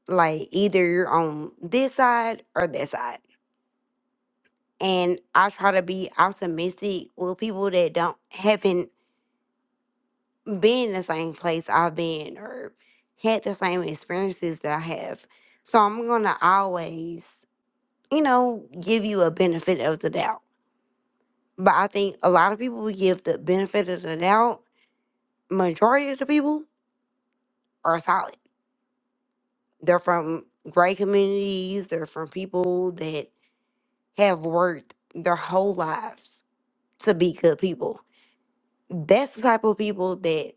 Like either you're on this side or that side. And I try to be optimistic with people that don't haven't been in the same place I've been or had the same experiences that I have. So I'm gonna always you know, give you a benefit of the doubt. But I think a lot of people we give the benefit of the doubt, majority of the people are solid. They're from great communities, they're from people that have worked their whole lives to be good people. That's the type of people that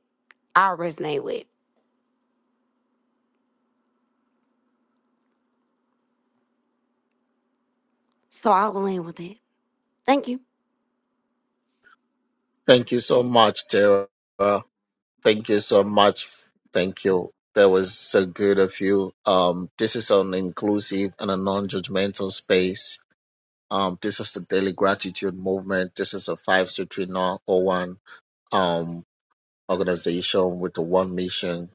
I resonate with. So I'll land with that. Thank you. Thank you so much, Tara. Thank you so much. Thank you. That was so good of you. Um, this is an inclusive and a non-judgmental space. Um, this is the Daily Gratitude Movement. This is a 56301 um, organization with the one mission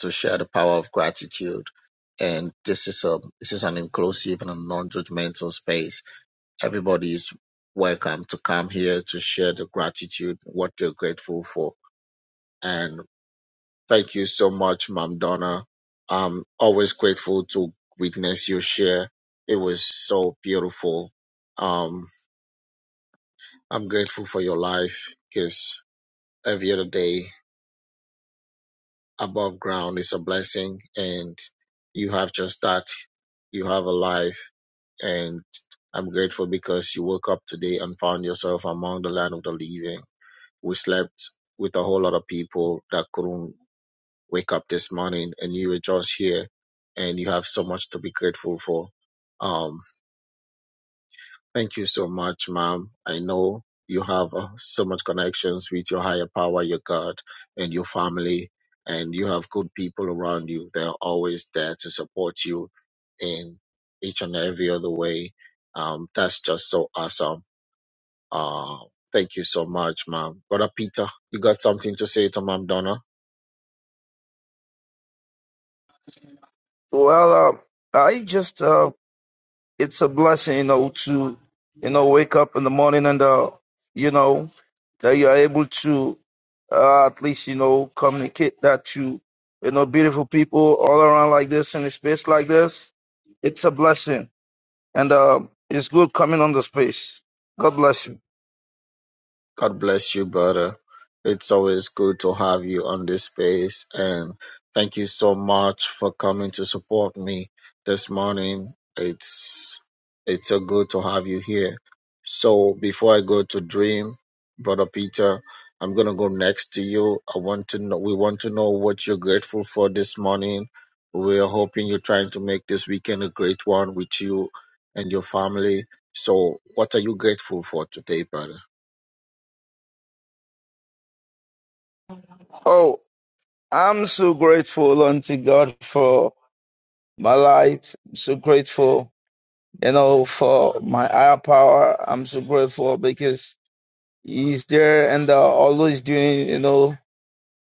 to share the power of gratitude. And this is a this is an inclusive and a non-judgmental space. Everybody is welcome to come here to share the gratitude, what they're grateful for And thank you so much, Mom Donna. I'm always grateful to witness your share. It was so beautiful. Um, I'm grateful for your life because every other day above ground is a blessing, and you have just that. You have a life, and I'm grateful because you woke up today and found yourself among the land of the living. We slept with a whole lot of people that couldn't wake up this morning and you are just here and you have so much to be grateful for. Um, thank you so much, ma'am. I know you have uh, so much connections with your higher power, your God, and your family, and you have good people around you. They're always there to support you in each and every other way. Um, that's just so awesome. Uh, thank you so much, ma'am. Brother Peter, you got something to say to Ma'am Donna? well, uh, I just uh, it's a blessing, you know, to you know wake up in the morning and uh, you know that you are able to uh, at least you know communicate that to you know beautiful people all around like this in a space like this. It's a blessing, and uh, it's good coming on the space. God bless you. God bless you, brother. It's always good to have you on this space. And thank you so much for coming to support me this morning. It's it's so good to have you here. So before I go to dream, brother Peter, I'm gonna go next to you. I want to know we want to know what you're grateful for this morning. We're hoping you're trying to make this weekend a great one with you and your family. So what are you grateful for today, brother? Oh, I'm so grateful unto God for my life. I'm so grateful You know, for my higher power, I'm so grateful because he's there and uh, always doing, you know,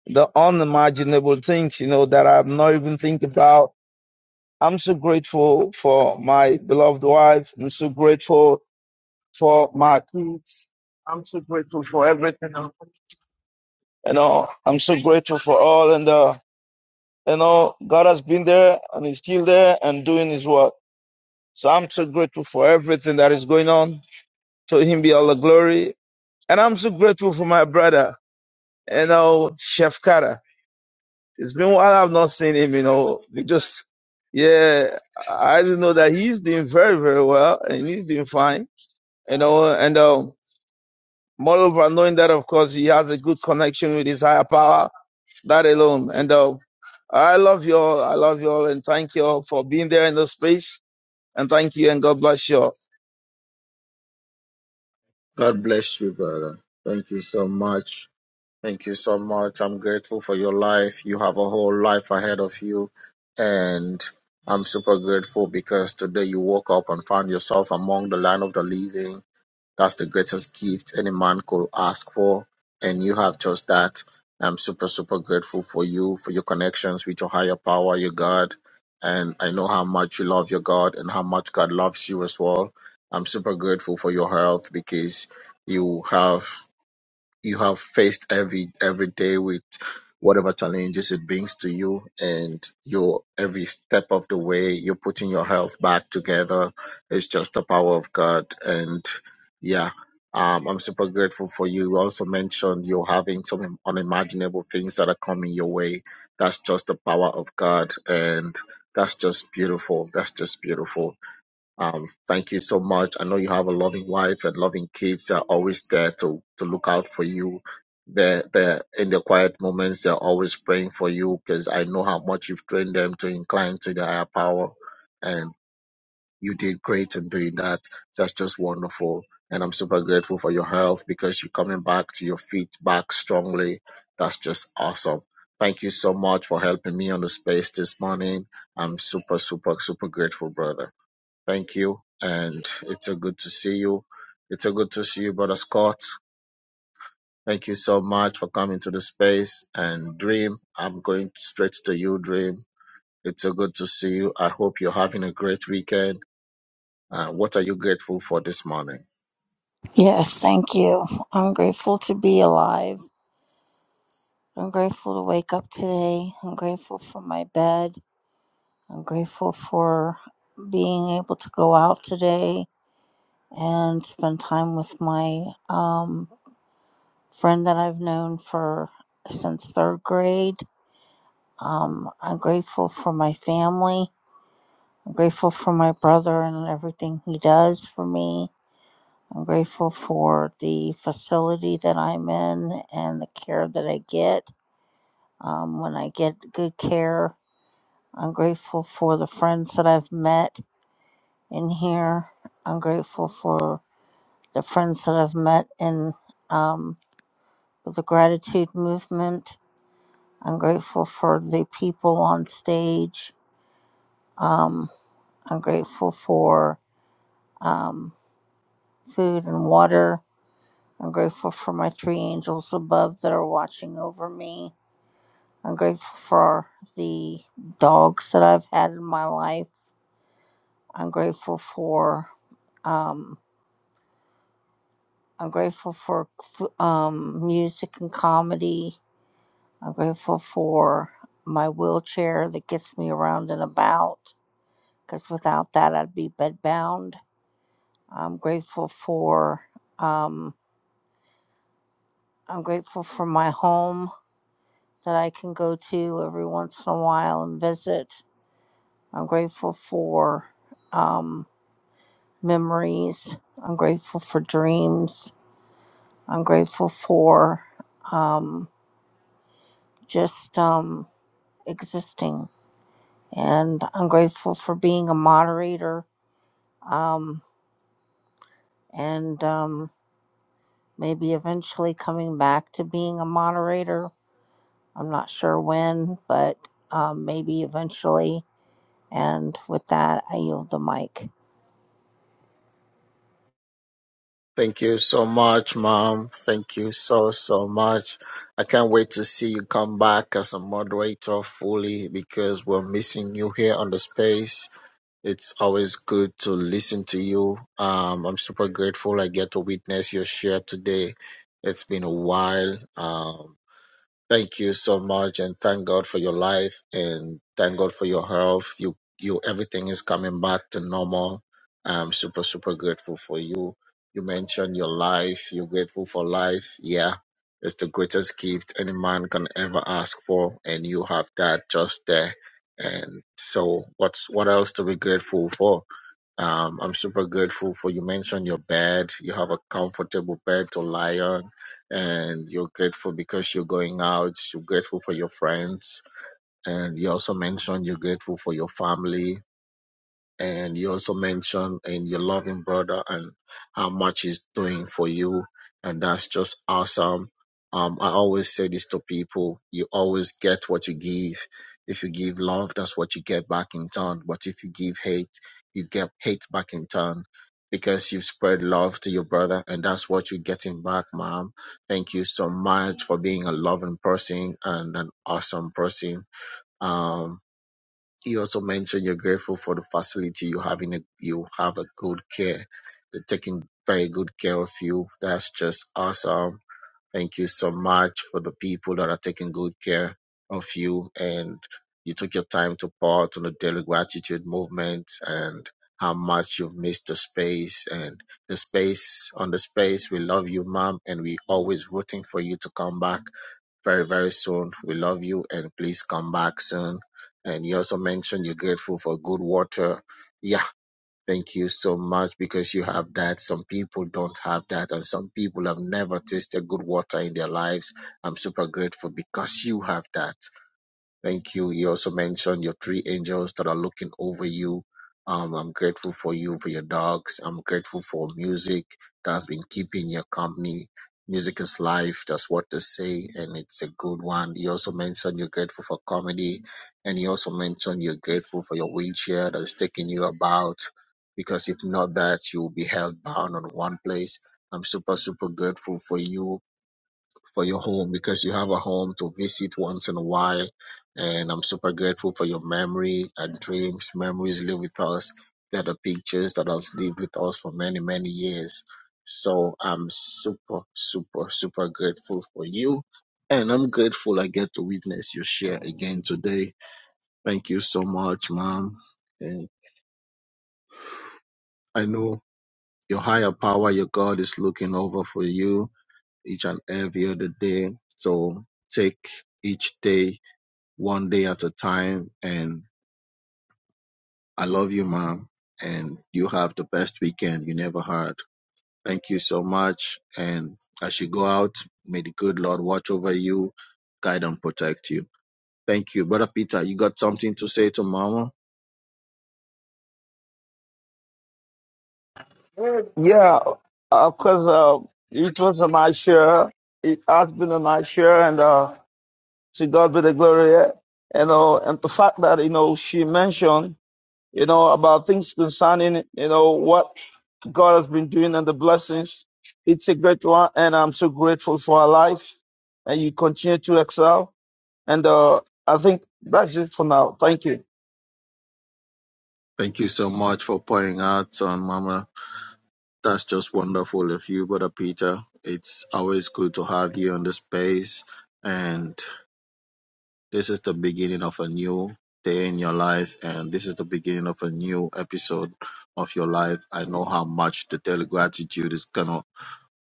the unimaginable things, you know, that I'm not even thinking about. I'm so grateful for my beloved wife. I'm so grateful for my kids. I'm so grateful for everything. You know, I'm so grateful for all. And, uh, you know, God has been there and he's still there and doing his work. So I'm so grateful for everything that is going on. To him be all the glory. And I'm so grateful for my brother, you know, Chef Kara. It's been a while I've not seen him, you know. We just, yeah, I just know that he's doing very, very well and he's doing fine, you know. And um, moreover, knowing that, of course, he has a good connection with his higher power, that alone. And um, I love you all. I love you all. And thank you all for being there in the space. And thank you and God bless you all. God bless you, brother. Thank you so much. Thank you so much. I'm grateful for your life. You have a whole life ahead of you. And I'm super grateful because today you woke up and found yourself among the land of the living. That's the greatest gift any man could ask for. And you have just that. I'm super, super grateful for you, for your connections with your higher power, your God. And I know how much you love your God and how much God loves you as well. I'm super grateful for your health because you have you have faced every every day with whatever challenges it brings to you and your every step of the way you're putting your health back together it's just the power of god and yeah um, i'm super grateful for you you also mentioned you're having some unimaginable things that are coming your way that's just the power of god and that's just beautiful that's just beautiful um, thank you so much. I know you have a loving wife and loving kids. They're always there to to look out for you. They're, they're in the quiet moments. They're always praying for you because I know how much you've trained them to incline to the higher power, and you did great in doing that. That's just wonderful, and I'm super grateful for your health because you're coming back to your feet back strongly. That's just awesome. Thank you so much for helping me on the space this morning. I'm super, super, super grateful, brother. Thank you. And it's a good to see you. It's a good to see you, Brother Scott. Thank you so much for coming to the space. And Dream, I'm going straight to you, Dream. It's a good to see you. I hope you're having a great weekend. Uh, what are you grateful for this morning? Yes, thank you. I'm grateful to be alive. I'm grateful to wake up today. I'm grateful for my bed. I'm grateful for being able to go out today and spend time with my um, friend that I've known for since third grade. Um, I'm grateful for my family. I'm grateful for my brother and everything he does for me. I'm grateful for the facility that I'm in and the care that I get. Um, when I get good care, I'm grateful for the friends that I've met in here. I'm grateful for the friends that I've met in um, the gratitude movement. I'm grateful for the people on stage. Um, I'm grateful for um, food and water. I'm grateful for my three angels above that are watching over me. I'm grateful for the dogs that I've had in my life. I'm grateful for um, I'm grateful for um, music and comedy. I'm grateful for my wheelchair that gets me around and about because without that I'd be bedbound. I'm grateful for um, I'm grateful for my home that I can go to every once in a while and visit. I'm grateful for um, memories. I'm grateful for dreams. I'm grateful for um, just um, existing. And I'm grateful for being a moderator um, and um, maybe eventually coming back to being a moderator. I'm not sure when, but um, maybe eventually. And with that, I yield the mic. Thank you so much, Mom. Thank you so, so much. I can't wait to see you come back as a moderator fully because we're missing you here on the space It's always good to listen to you. Um, I'm super grateful I get to witness your share today. It's been a while. Um, Thank you so much, and thank God for your life, and thank God for your health. You, you, everything is coming back to normal. I'm super, super grateful for you. You mentioned your life. You're grateful for life. Yeah, it's the greatest gift any man can ever ask for, and you have that just there. And so, what's what else to be grateful for? Um, I'm super grateful for you. Mentioned your bed. You have a comfortable bed to lie on and you're grateful because you're going out, you're grateful for your friends, and you also mentioned you're grateful for your family, and you also mentioned in your loving brother and how much he's doing for you and that's just awesome um, i always say this to people you always get what you give if you give love that's what you get back in turn but if you give hate you get hate back in turn because you've spread love to your brother and that's what you're getting back mom thank you so much for being a loving person and an awesome person Um, you also mentioned you're grateful for the facility you have in a, you have a good care. They're taking very good care of you. That's just awesome. Thank you so much for the people that are taking good care of you and you took your time to part on the daily gratitude movement and how much you've missed the space and the space on the space. We love you, mom, and we always rooting for you to come back very, very soon. We love you and please come back soon. And you also mentioned you're grateful for good water. Yeah, thank you so much because you have that. Some people don't have that, and some people have never tasted good water in their lives. I'm super grateful because you have that. Thank you. You also mentioned your three angels that are looking over you. Um, I'm grateful for you, for your dogs. I'm grateful for music that has been keeping your company. Music is life. That's what they say, and it's a good one. You also mentioned you're grateful for comedy, and you also mentioned you're grateful for your wheelchair that is taking you about. Because if not that, you will be held bound on one place. I'm super, super grateful for you for your home because you have a home to visit once in a while. And I'm super grateful for your memory and dreams. Memories live with us. They're the pictures that have lived with us for many, many years. So I'm super, super, super grateful for you. And I'm grateful I get to witness your share again today. Thank you so much, mom. And I know your higher power, your God is looking over for you each and every other day. So take each day one day at a time. And I love you, mom. And you have the best weekend you never had. Thank you so much. And as you go out, may the good Lord watch over you, guide and protect you. Thank you. Brother Peter, you got something to say to mama? Yeah, of course, uh, it was a nice share. It has been a nice share. And, uh, To God be the glory. Yeah? You know, and the fact that, you know, she mentioned, you know, about things concerning, you know, what God has been doing and the blessings. It's a great one. And I'm so grateful for her life. And you continue to excel. And uh, I think that's it for now. Thank you. Thank you so much for pouring out on mama. That's just wonderful of you, Brother Peter. It's always good to have you in the space. And This is the beginning of a new day in your life, and this is the beginning of a new episode of your life. I know how much the daily gratitude is gonna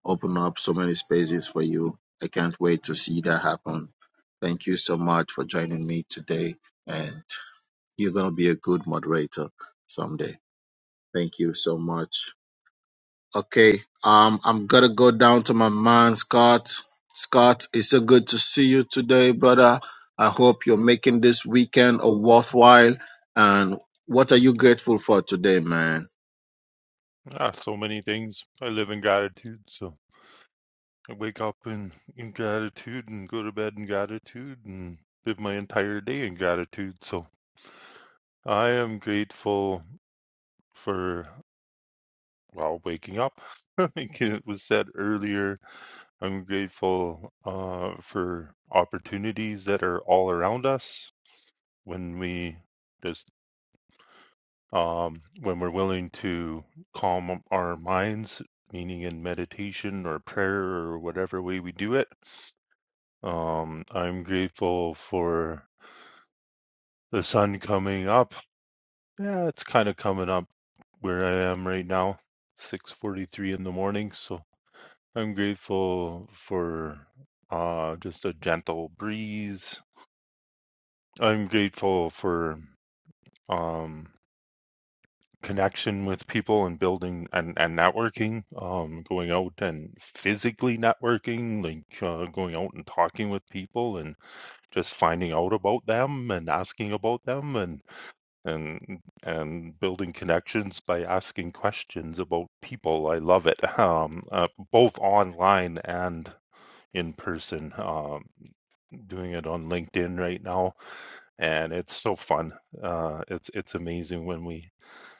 open up so many spaces for you. I can't wait to see that happen. Thank you so much for joining me today, and you're gonna be a good moderator someday. Thank you so much. Okay. Um, I'm gonna go down to my man, Scott. Scott, it's so good to see you today, brother. I hope you're making this weekend a worthwhile. And what are you grateful for today, man? Ah, so many things. I live in gratitude, so I wake up in, in gratitude and go to bed in gratitude and live my entire day in gratitude. So I am grateful for, well, waking up. Like it was said earlier, I'm grateful uh, for opportunities that are all around us when we just um, when we're willing to calm our minds, meaning in meditation or prayer or whatever way we do it. Um, I'm grateful for the sun coming up. Yeah, it's kind of coming up where I am right now, 6:43 in the morning. So I'm grateful for uh, just a gentle breeze. I'm grateful for um, connection with people and building and, and networking, um, going out and physically networking, like uh, going out and talking with people and just finding out about them and asking about them and and and building connections by asking questions about people. I love it, um, uh, both online and in person. Um, doing it on LinkedIn right now, and it's so fun. Uh, it's it's amazing when we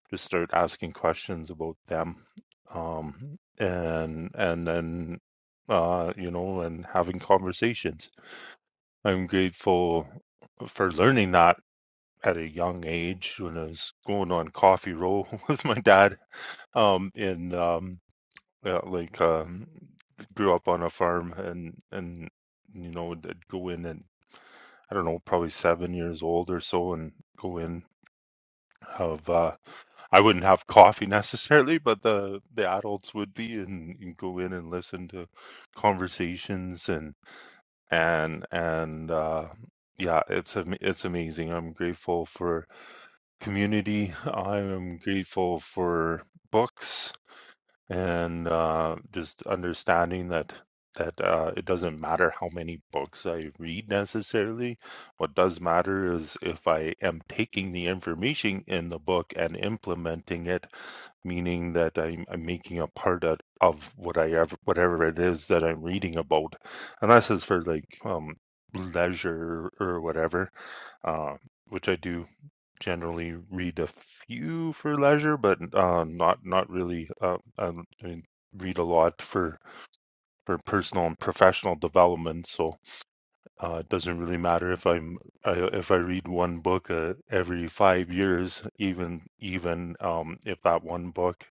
just start asking questions about them um and and then uh you know and having conversations i'm grateful for learning that at a young age when i was going on coffee roll with my dad um in um yeah, like um grew up on a farm and and you know I'd go in and i don't know probably seven years old or so and go in have uh I wouldn't have coffee necessarily, but the the adults would be and, and go in and listen to conversations and and and uh, yeah, it's am- it's amazing. I'm grateful for community. I am grateful for books and uh, just understanding that that uh, it doesn't matter how many books I read necessarily. What does matter is if I am taking the information in the book and implementing it meaning that I'm, I'm making a part of, of what I ever, whatever it is that I'm reading about, unless it's for like um, leisure or whatever, uh, which I do generally read a few for leisure, but uh, not not really. Uh, I mean, read a lot for for personal and professional development, so uh, it doesn't really matter if I'm I, if I read one book uh, every five years, even even um, if that one book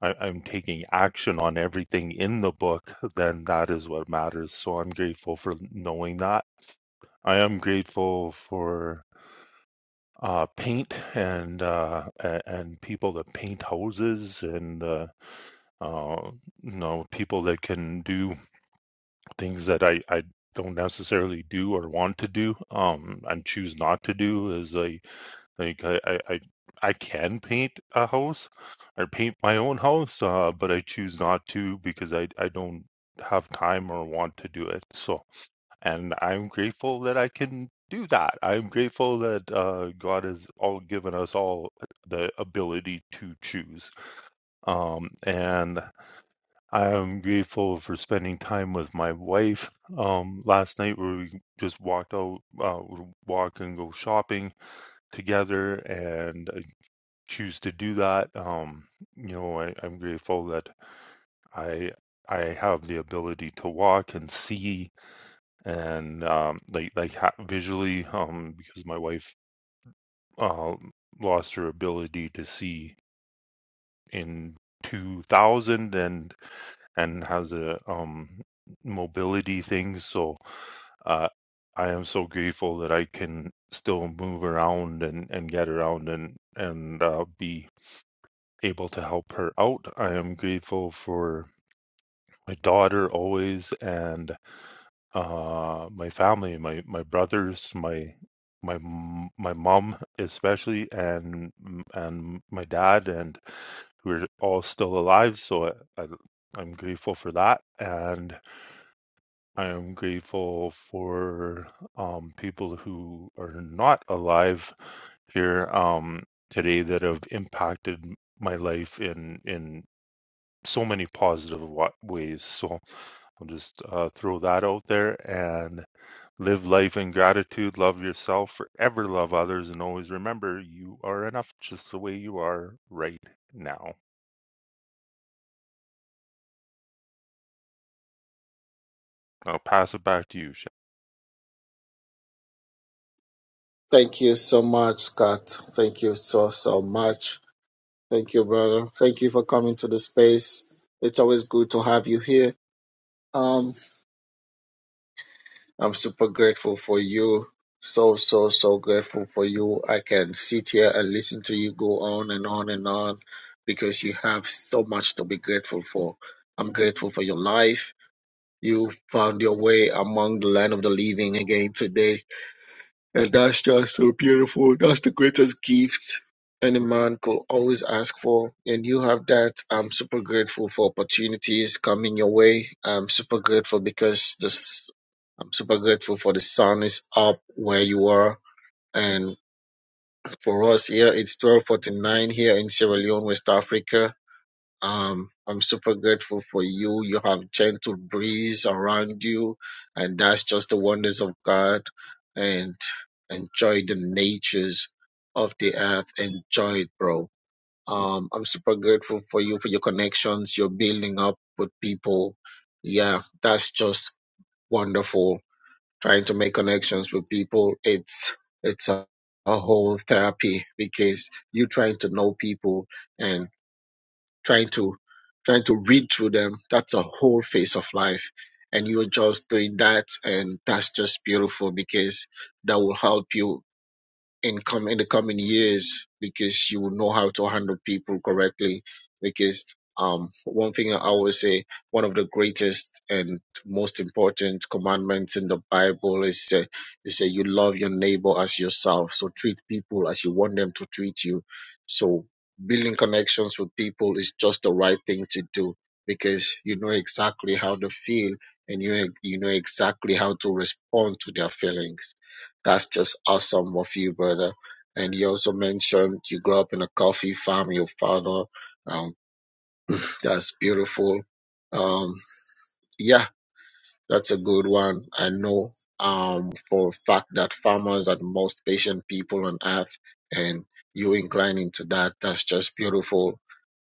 I, I'm taking action on everything in the book, then that is what matters. So I'm grateful for knowing that. I am grateful for uh, paint and uh, and people that paint houses and uh, uh, you know people that can do things that I, I don't necessarily do or want to do um, and choose not to do. Is like Like I, I, I I can paint a house or paint my own house, uh, but I choose not to because I, I don't have time or want to do it. So, and I'm grateful that I can do that. I'm grateful that uh, God has all given us all the ability to choose. Um, and I am grateful for spending time with my wife. Um, last night where we just walked out, uh, walk and go shopping together, and choose to do that. Um, you know, I, I'm grateful that I I have the ability to walk and see and um, like like ha- visually um, because my wife uh, lost her ability to see in 2000 and and has a um, mobility thing. So uh, I am so grateful that I can still move around and and get around and and uh, be able to help her out. I am grateful for my daughter always and uh, my family, my my brothers, my my my mom especially, and and my dad, and we're all still alive. So I, I I'm grateful for that, and I am grateful for um, people who are not alive here um, today that have impacted my life in in so many positive ways. So I'll just uh, throw that out there and live life in gratitude. Love yourself, forever love others, and always remember you are enough just the way you are right now. I'll pass it back to you, Chef. Thank you so much, Scott. Thank you so so much. Thank you, brother. Thank you for coming to the space. It's always good to have you here. I'm super grateful for you. So, so, so grateful for you. I can sit here and listen to you go on and on and on because you have so much to be grateful for. I'm grateful for your life. You found your way among the land of the living again today and that's just so beautiful. That's the greatest gift any man could always ask for. And you have that. I'm super grateful for opportunities coming your way. I'm super grateful because this, I'm super grateful for the sun is up where you are. And for us here, it's 1249 here in Sierra Leone, West Africa um, I'm super grateful for you. You have gentle breeze around you, and that's just the wonders of God. And enjoy the natures of the earth. Enjoy it, bro. Um, I'm super grateful for you for your connections you're building up with people. Yeah, that's just wonderful. Trying to make connections with people, it's it's a, a whole therapy because you are trying to know people and trying to trying to read through them that's a whole phase of life and you're just doing that and that's just beautiful because that will help you in com- in the coming years because you will know how to handle people correctly. Because um, one thing I always say, one of the greatest and most important commandments in the Bible is uh, is say you love your neighbor as yourself. So treat people as you want them to treat you. So building connections with people is just the right thing to do because you know exactly how they feel and you you know exactly how to respond to their feelings. That's just awesome of you, brother. And you also mentioned you grew up in a coffee farm, your father. Um, that's beautiful. Um, yeah, that's a good one. I know um, for a fact that farmers are the most patient people on earth, and you incline into that. That's just beautiful.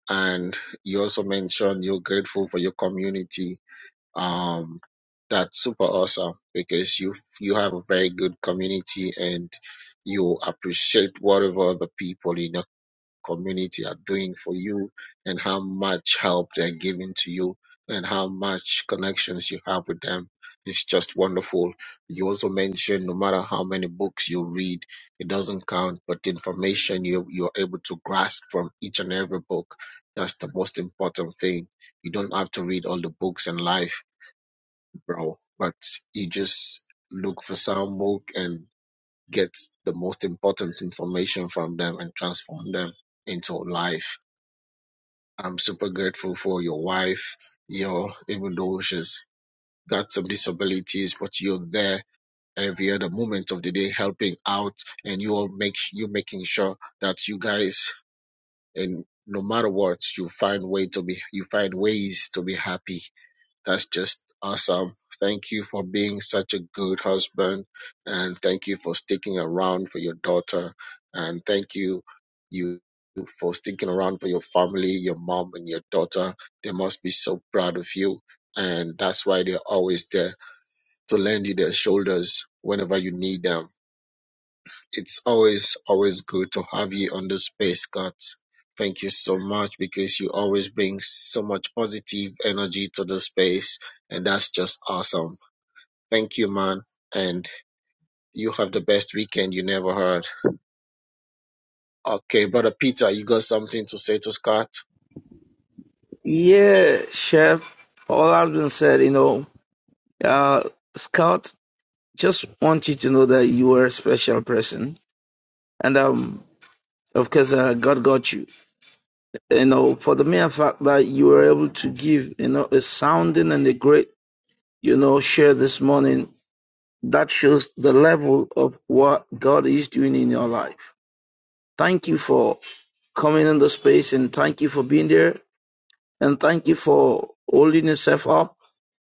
And you also mentioned you're grateful for your community um, that's super awesome because you you have a very good community and you appreciate whatever the people in your community are doing for you and how much help they're giving to you and how much connections you have with them. It's just wonderful. You also mentioned no matter how many books you read, it doesn't count, but the information you you're able to grasp from each and every book, that's the most important thing. You don't have to read all the books in life bro. But you just look for some book and get the most important information from them and transform them into life. I'm super grateful for your wife, your even though she's got some disabilities, but you're there every other moment of the day helping out and you're make you making sure that you guys and no matter what you find way to be you find ways to be happy that's just awesome. Thank you for being such a good husband. And thank you for sticking around for your daughter. And thank you, you for sticking around for your family, your mom and your daughter. They must be so proud of you. And that's why they're always there to lend you their shoulders whenever you need them it's always always good to have you on the space god thank you so much because you always bring so much positive energy to the space and that's just awesome thank you man and you have the best weekend you never heard okay brother peter you got something to say to scott Yeah, Chef. All has been said, you know. Uh, Scout, just want you to know that you are a special person. And, um, of course, uh, God got you. you know, for the mere fact that you were able to give, you know, a sounding and a great, you know, share this morning, that shows the level of what God is doing in your life. Thank you for coming in the space and thank you for being there and thank you for holding yourself up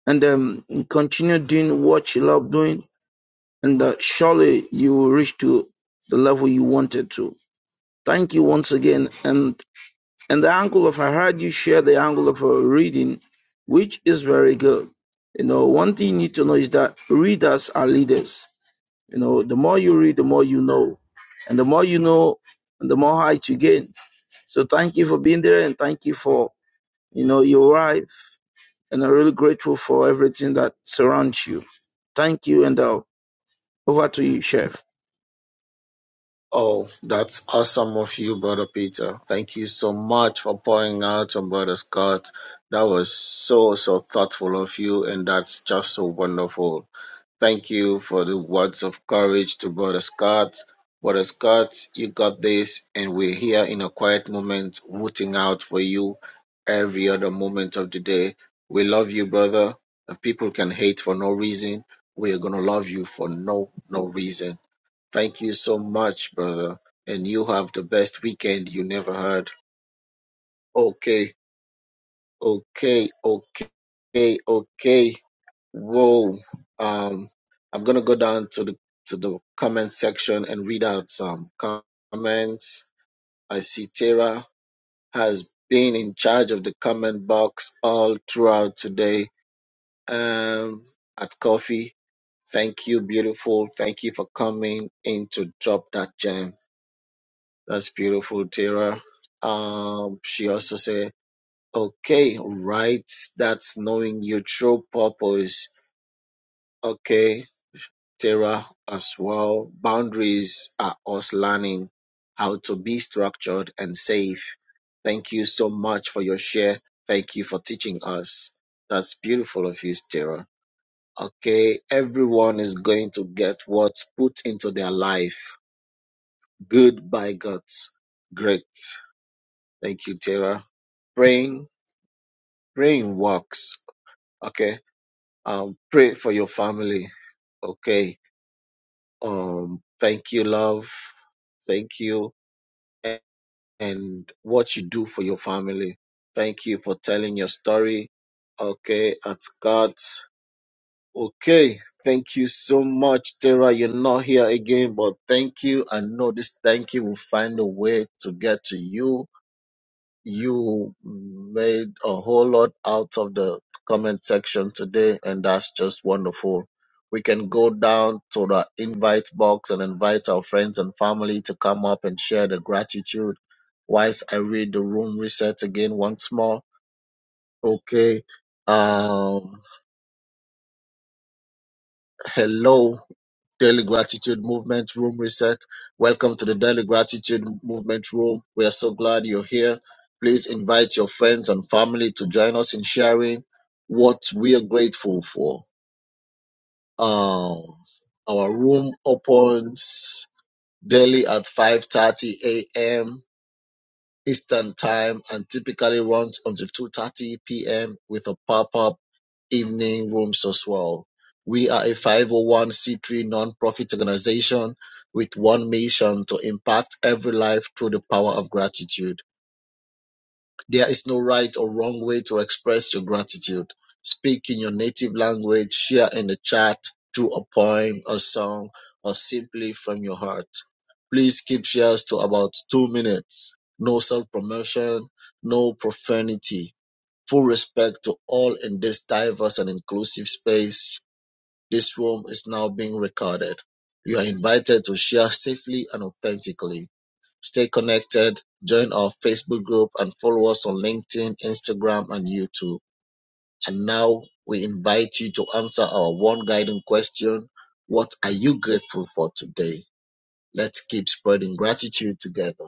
and um, continue doing what you love doing and uh, surely you will reach to the level you wanted to. Thank you once again and And the angle of I heard you share the angle of a reading, which is very good. You know, one thing you need to know is that readers are leaders. You know, the more you read, the more you know. And the more you know, and the more height you gain. So thank you for being there and thank you for, you know, your wife. And I'm really grateful for everything that surrounds you. Thank you and uh, over to you, Chef. oh that's awesome of you brother peter thank you so much for pouring out on brother scott that was so so thoughtful of you and that's just so wonderful Thank you for the words of courage to Brother Scott. Brother Scott, you got this, and we're here in a quiet moment, rooting out for you every other moment of the day. We love you, brother. If people can hate for no reason, we're gonna love you for no no reason. Thank you so much, brother. And you have the best weekend you never had. Okay, okay, okay, okay. Whoa. Um, I'm gonna go down to the to the comment section and read out some comments. I see Tara has been in charge of the comment box all throughout today. Um, at coffee. Thank you, beautiful. Thank you for coming in to drop that gem. That's beautiful, Tara. Um, she also said, "Okay, right. That's knowing your true purpose. Okay, Sarah as well. Boundaries are us learning how to be structured and safe. Thank you so much for your share. Thank you for teaching us. That's beautiful of you, Sarah. Okay, everyone is going to get what's put into their life. Good by God's. Great. Thank you, Tara. Praying, praying works. Okay. Um, pray for your family. Okay. Um, thank you, love. Thank you. and what you do for your family. Thank you for telling your story. Okay, at God's. Okay, thank you so much, Tara. You're not here again, but thank you. I know this thank you will find a way to get to you you made a whole lot out of the comment section today, and that's just wonderful. We can go down to the invite box and invite our friends and family to come up and share the gratitude. Whilst I read the room reset again once more. Okay. Um, hello. Daily Gratitude Movement Room Reset. Welcome to the Daily Gratitude Movement Room. We are so glad you're here. Please invite your friends and family to join us in sharing what we are grateful for. Um, our room opens daily at 5:30 a.m. Eastern Time and typically runs until 2:30 p.m. with a pop-up evening rooms as well. We are a 501c3 nonprofit organization with one mission to impact every life through the power of gratitude. There is no right or wrong way to express your gratitude. Speak in your native language, share in the chat through a poem, a song, or simply from your heart. Please keep shares to about two minutes. No self promotion, no profanity. Full respect to all in this diverse and inclusive space. This room is now being recorded. You are invited to share safely and authentically. Stay connected, join our Facebook group, and follow us on LinkedIn, Instagram, and YouTube. And now we invite you to answer our one guiding question What are you grateful for today? Let's keep spreading gratitude together.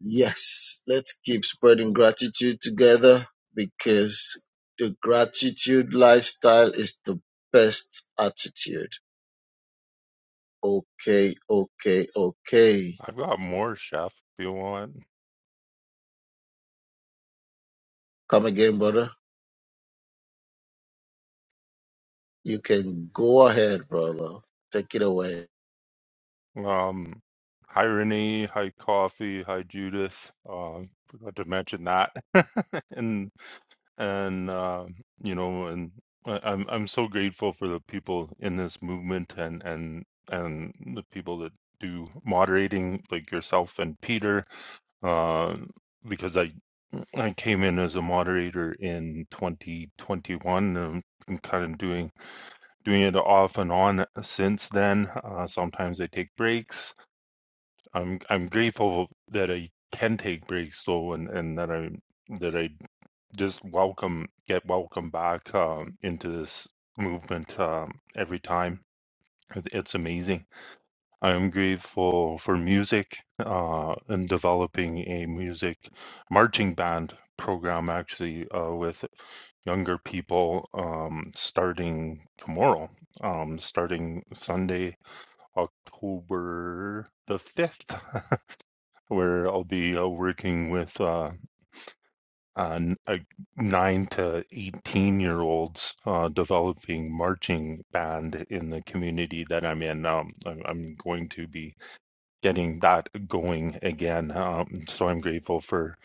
Yes, let's keep spreading gratitude together because the gratitude lifestyle is the best attitude. Okay, okay, okay. I've got more, Chef, if you want. Come again, brother. You can go ahead, brother. Take it away. Um, hi Renee, hi Coffee, hi Judith. Uh, forgot to mention that. and and uh, you know, and I- I'm I'm so grateful for the people in this movement and and and the people that do moderating, like yourself and Peter, uh, because I I came in as a moderator in 2021 and I'm kind of doing doing it off and on since then. Uh, sometimes I take breaks I'm I'm grateful that I can take breaks though, and and that I that I just welcome get welcome back um, into this movement um, every time. It- It's amazing. I'm grateful for music uh, and developing a music marching band program actually uh, with younger people um, starting tomorrow, um, starting Sunday, October the 5th. where I'll be uh, working with uh, uh, uh, nine to 18 year olds uh, developing marching band in the community that I'm in. Um, I'm, I'm going to be getting that going again. Um, so I'm grateful for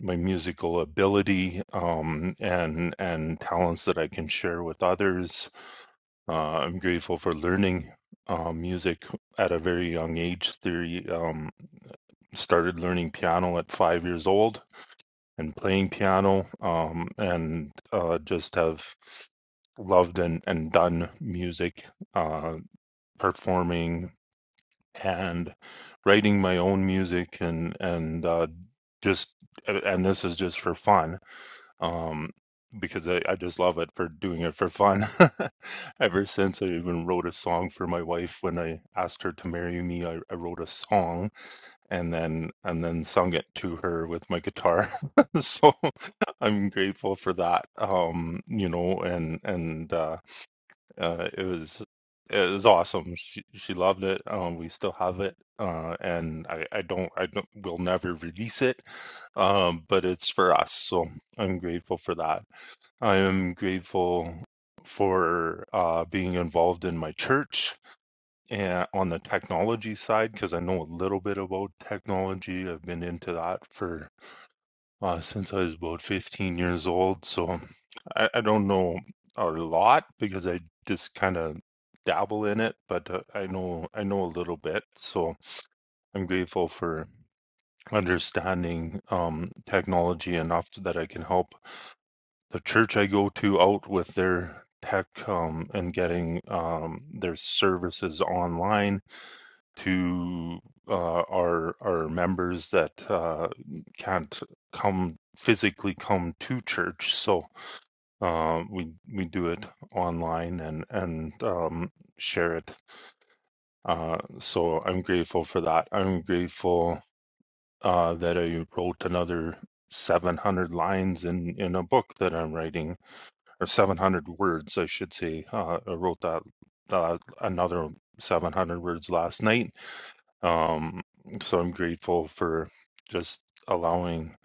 my musical ability um, and and talents that I can share with others. Uh, I'm grateful for learning uh, music at a very young age. Theory um, started learning piano at five years old and playing piano um, and uh, just have loved and, and done music, uh, performing and writing my own music and and uh, just and this is just for fun um, because I, I just love it for doing it for fun. Ever since I even wrote a song for my wife when I asked her to marry me, I, I wrote a song and then and then sung it to her with my guitar. so I'm grateful for that. Um, you know, and and uh, uh, it was it was awesome. She she loved it. Um, we still have it, uh, and I I don't I don't will never release it. Um, but it's for us, so I'm grateful for that. I am grateful for uh, being involved in my church and on the technology side, because I know a little bit about technology, I've been into that for uh, since I was about 15 years old. So I, I don't know a lot because I just kind of dabble in it, but uh, I know I know a little bit. So I'm grateful for understanding um, technology enough so that I can help the church I go to out with their tech um, and getting um, their services online to uh, our our members that uh, can't come physically come to church. So uh, we we do it online and and um, share it. Uh, so I'm grateful for that. I'm grateful uh, that I wrote another 700 lines in in a book that I'm writing, or 700 words, I should say. Uh, I wrote that, that another 700 words last night um, so I'm grateful for just allowing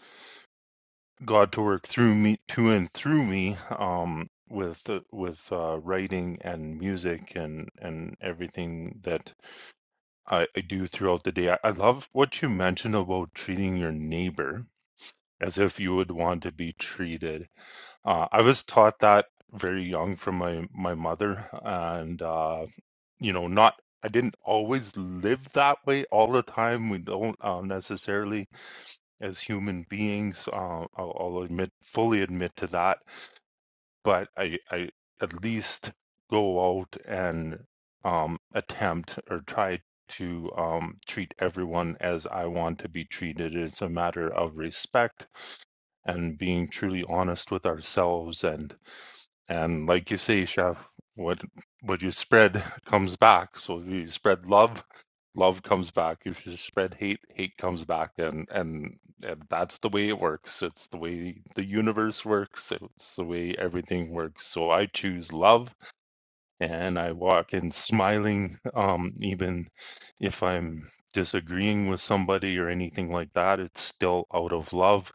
God to work through me, to and through me, um, with the- with uh, writing and music and and everything that I, I do throughout the day. I, I love what you mentioned about treating your neighbor as if you would want to be treated. Uh, I was taught that very young from my my mother, and uh, you know, not I didn't always live that way all the time. We don't uh, necessarily as human beings. Uh, I'll, I'll admit, fully admit to that. But I, I at least go out and um, attempt or try to um, treat everyone as I want to be treated. It's a matter of respect and being truly honest with ourselves and and like you say, Chef, what what you spread comes back. So if you spread love, love comes back. If you spread hate, hate comes back. And and, and that's the way it works. It's the way the universe works. It's the way everything works. So I choose love and I walk in smiling, um, even if I'm disagreeing with somebody or anything like that, it's still out of love.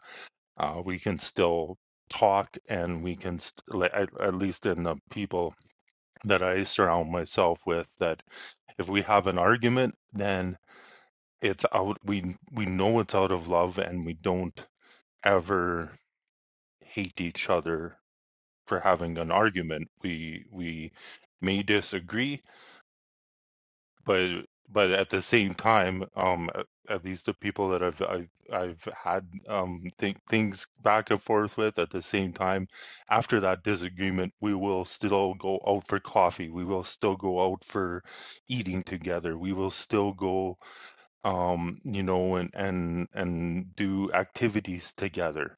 Uh, we can still talk and we can, st- like, at, at least in the people that I surround myself with, that if we have an argument, then it's out, we, we know it's out of love and we don't ever hate each other for having an argument. We, we, may disagree but but at the same time, um, at, at least the people that I've I've, I've had um think things back and forth with at the same time, after that disagreement, we will still go out for coffee. We will still go out for eating together. We will still go um you know and and and do activities together.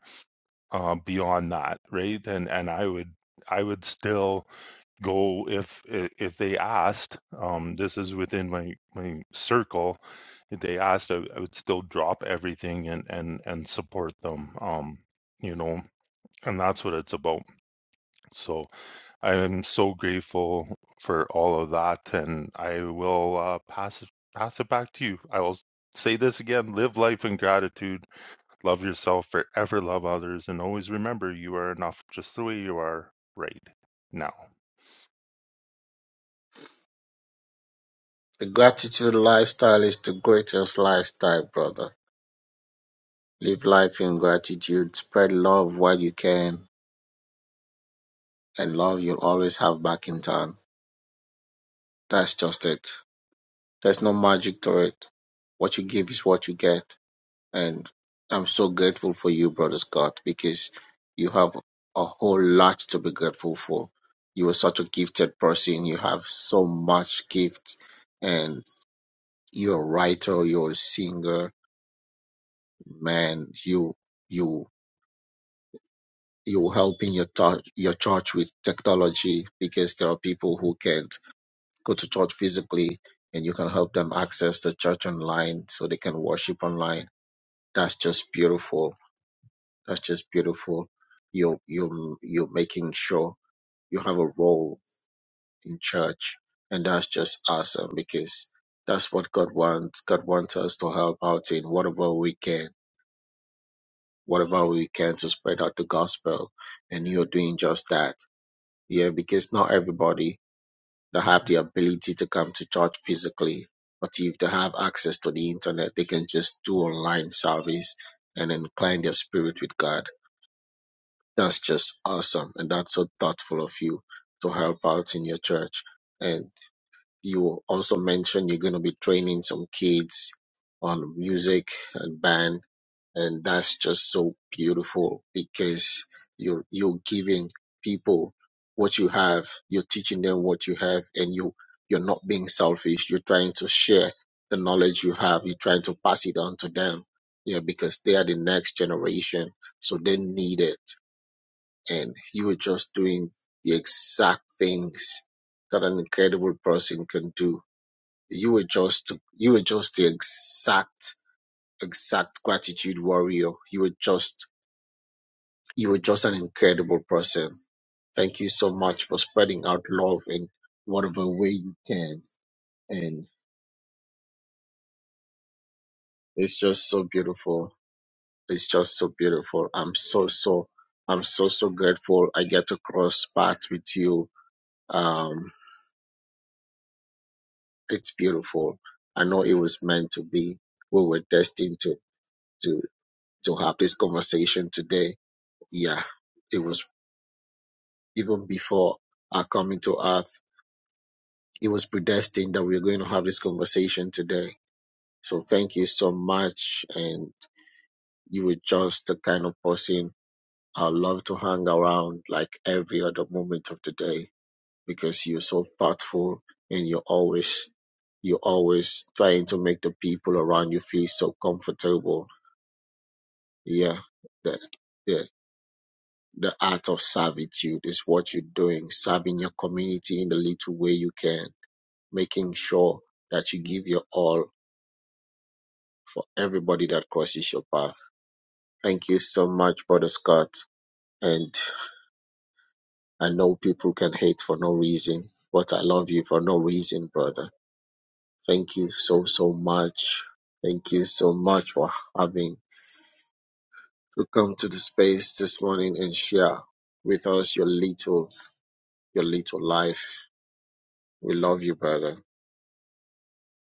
Uh, beyond that, right? And and I would I would still go if if they asked um this is within my my circle if they asked i, I would still drop everything and and and support them um you know and that's what it's about so i am so grateful for all of that and i will uh pass it pass it back to you i will say this again live life in gratitude love yourself forever love others and always remember you are enough just the way you are right now The gratitude lifestyle is the greatest lifestyle, brother. Live life in gratitude, spread love while you can, and love you'll always have back in turn. That's just it. There's no magic to it. What you give is what you get. And I'm so grateful for you, brother Scott, because you have a whole lot to be grateful for. You are such a gifted person. You have so much gift, and you're a writer, you're a singer, man, you you you helping your touch your church with technology because there are people who can't go to church physically and you can help them access the church online so they can worship online. That's just beautiful. That's just beautiful. You're you are you you're making sure you have a role in church and that's just awesome because that's what God wants. God wants us to help out in whatever we can whatever we can to spread out the gospel. And you're doing just that. Yeah, because not everybody that have the ability to come to church physically, but if they have access to the internet, they can just do online service and incline their spirit with God. That's just awesome. And that's so thoughtful of you to help out in your church. And you also mentioned you're going to be training some kids on music and band and that's just so beautiful because you're you're giving people what you have you're teaching them what you have and you you're not being selfish you're trying to share the knowledge you have you're trying to pass it on to them yeah because they are the next generation so they need it and you're just doing the exact things that an incredible person can do you were just you were just the exact exact gratitude warrior you were just you are just an incredible person. Thank you so much for spreading out love in whatever way you can. And it's just so beautiful. It's just so beautiful. I'm so, so, I'm so, so grateful I get to cross paths with you. Um, it's beautiful. I know it was meant to be. We were destined to, to, to have this conversation today. Yeah. It was even before our coming to earth. It was predestined that we were going to have this conversation today So thank you so much. And you were just the kind of person I love to hang around like every other moment of the day because you're so thoughtful and you're always you're always trying to make the people around you feel so comfortable. Yeah. The the the art of servitude is what you're doing, serving your community in the little way you can, making sure that you give your all for everybody that crosses your path Thank you so much, Brother Scott. And I know people can hate for no reason, but I love you for no reason, brother. Thank you so, so much. Thank you so much for having to come to the space this morning and share with us your little, your little life. We love you, brother.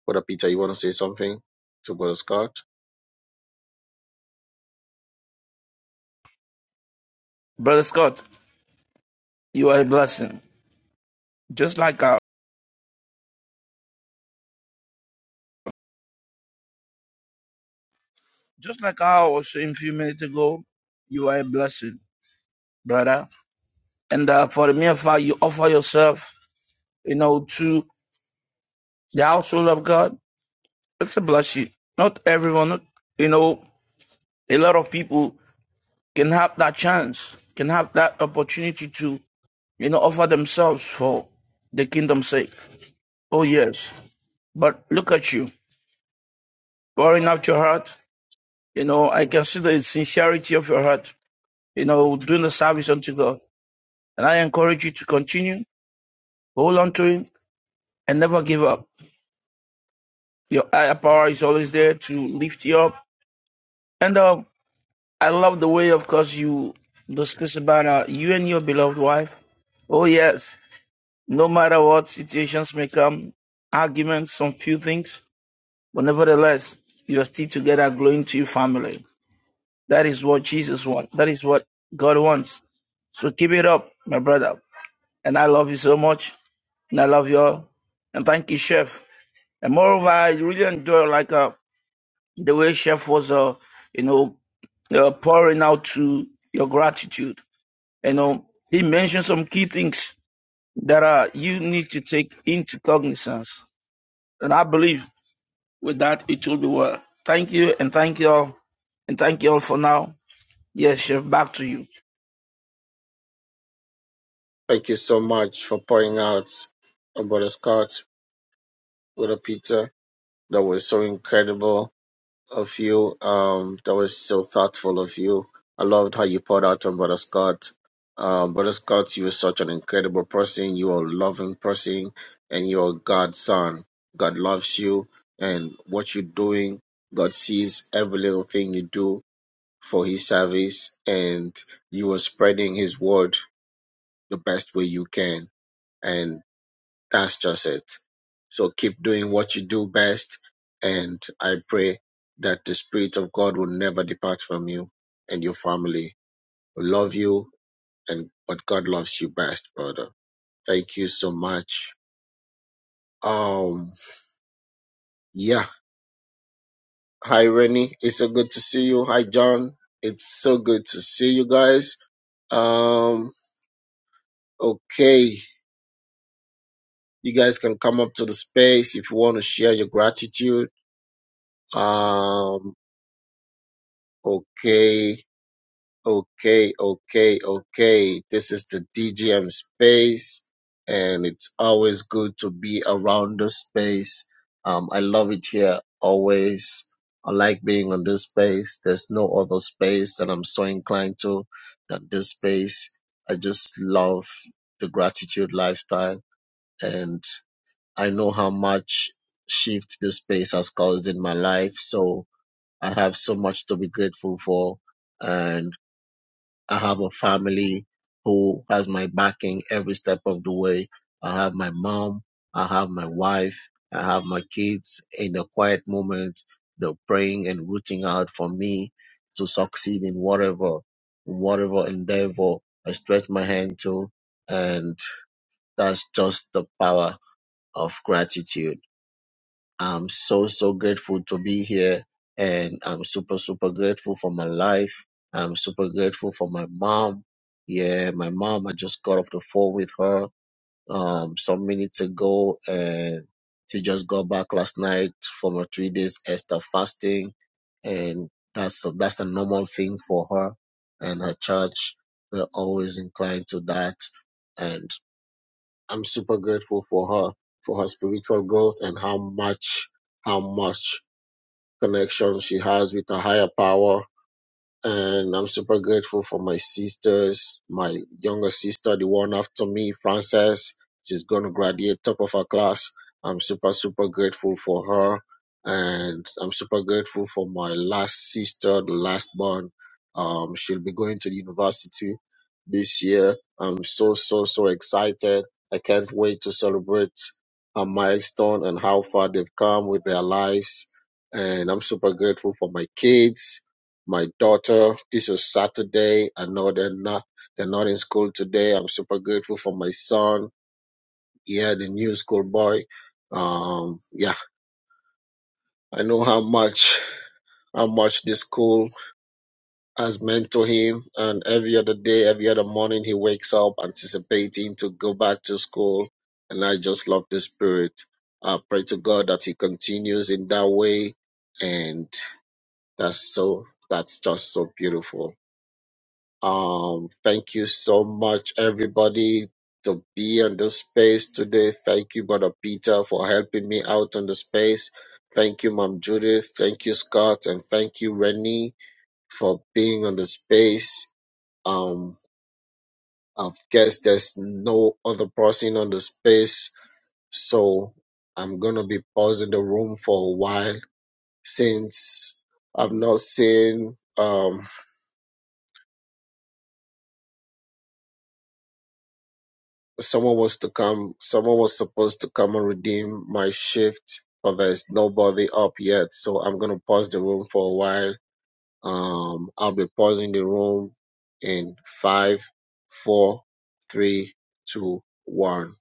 Brother Peter, you want to say something to Brother Scott? Brother Scott, you are a blessing. Just like I, just like I was saying a few minutes ago, you are a blessing, brother And uh, for the mere fact you offer yourself, you know, to the household of God, it's a blessing. Not everyone, not, you know, a lot of people can have that chance, can have that opportunity to, you know, offer themselves for the kingdom's sake. Oh, yes. But look at you, pouring out your heart. You know, I can see the sincerity of your heart, you know, doing the service unto God. And I encourage you to continue, hold on to Him, and never give up Your higher power is always there to lift you up. And um, I love the way, of course, you discuss about uh, you and your beloved wife. Oh, yes. No matter what situations may come, arguments on few things, but nevertheless, you are still together glowing to your family. That is what Jesus wants. That is what God wants. So keep it up, my brother. And I love you so much. And I love you all. And thank you, Chef. And moreover, I really enjoy like uh, the way Chef was, uh, you know, uh, pouring out to your gratitude. You know, he mentioned some key things that are you need to take into cognizance. And I believe with that it will be well. Thank you and thank you all. And thank you all for now. Yes, Chef, back to you. Thank you so much for pouring out on Brother Scott, Brother Peter. That was so incredible of you. Um, that was so thoughtful of you. I loved how you poured out on Brother Scott. Um, Brother Scott, you are such an incredible person. You are a loving person, and you are God's son. God loves you, and what you're doing, God sees every little thing you do for His service, and you are spreading His word the best way you can. And that's just it. So keep doing what you do best. And I pray that the Spirit of God will never depart from you and your family. We love you and but God loves you best, brother. Thank you so much. Um yeah. Hi Rennie. It's so good to see you. Hi John. It's so good to see you guys. Um okay. You guys can come up to the space if you want to share your gratitude. Um okay Okay, okay, okay. This is the DGM space, and it's always good to be around this space. Um, I love it here always. I like being on this space. There's no other space that I'm so inclined to than this space. I just love the gratitude lifestyle, and I know how much shift this space has caused in my life. So I have so much to be grateful for. and. I have a family who has my backing every step of the way. I have my mom. I have my wife. I have my kids. In the quiet moment, they're praying and rooting out for me to succeed in whatever, whatever endeavor I stretch my hand to. And that's just the power of gratitude. I'm so, so grateful to be here. And I'm super, super grateful for my life. I'm super grateful for my mom. Yeah, my mom, I just got off the phone with her um, some minutes ago. And she just got back last night from her three days Esther fasting. And that's, that's the normal thing for her and her church. They're always inclined to that. I'm super grateful for her, for her spiritual growth and how much, how much connection she has with a higher power and I'm super grateful for my sisters, my younger sister, the one after me, Frances. She's going to graduate top of her class. I'm super, super grateful for her. And I'm super grateful for my last sister, the last born. Um, she'll be going to the university this year. I'm so, so, so excited. I can't wait to celebrate a milestone and how far they've come with their lives. And I'm super grateful for my kids my daughter. This is Saturday. I know they're not they're not in school today. I'm super grateful for my son. Yeah, the new school boy. Um, yeah, I know how much how much this school has meant to him. And every other day, every other morning, he wakes up anticipating to go back to school. And I just love the spirit. I pray to God that he continues in that way. And that's so that's just so beautiful Um, thank you so much, everybody, to be on this space today. Thank you, Brother Peter, for helping me out on the space. Thank you, Mom Judith. Thank you, Scott, and thank you, Rennie, for being on the space. Um, I guess there's no other person on the space, so I'm gonna be pausing the room for a while since I've not seen. Um, someone was to come someone was supposed to come and redeem my shift but there's nobody up yet so i'm going to pause the room for a while um i'll be pausing the room in five four three two one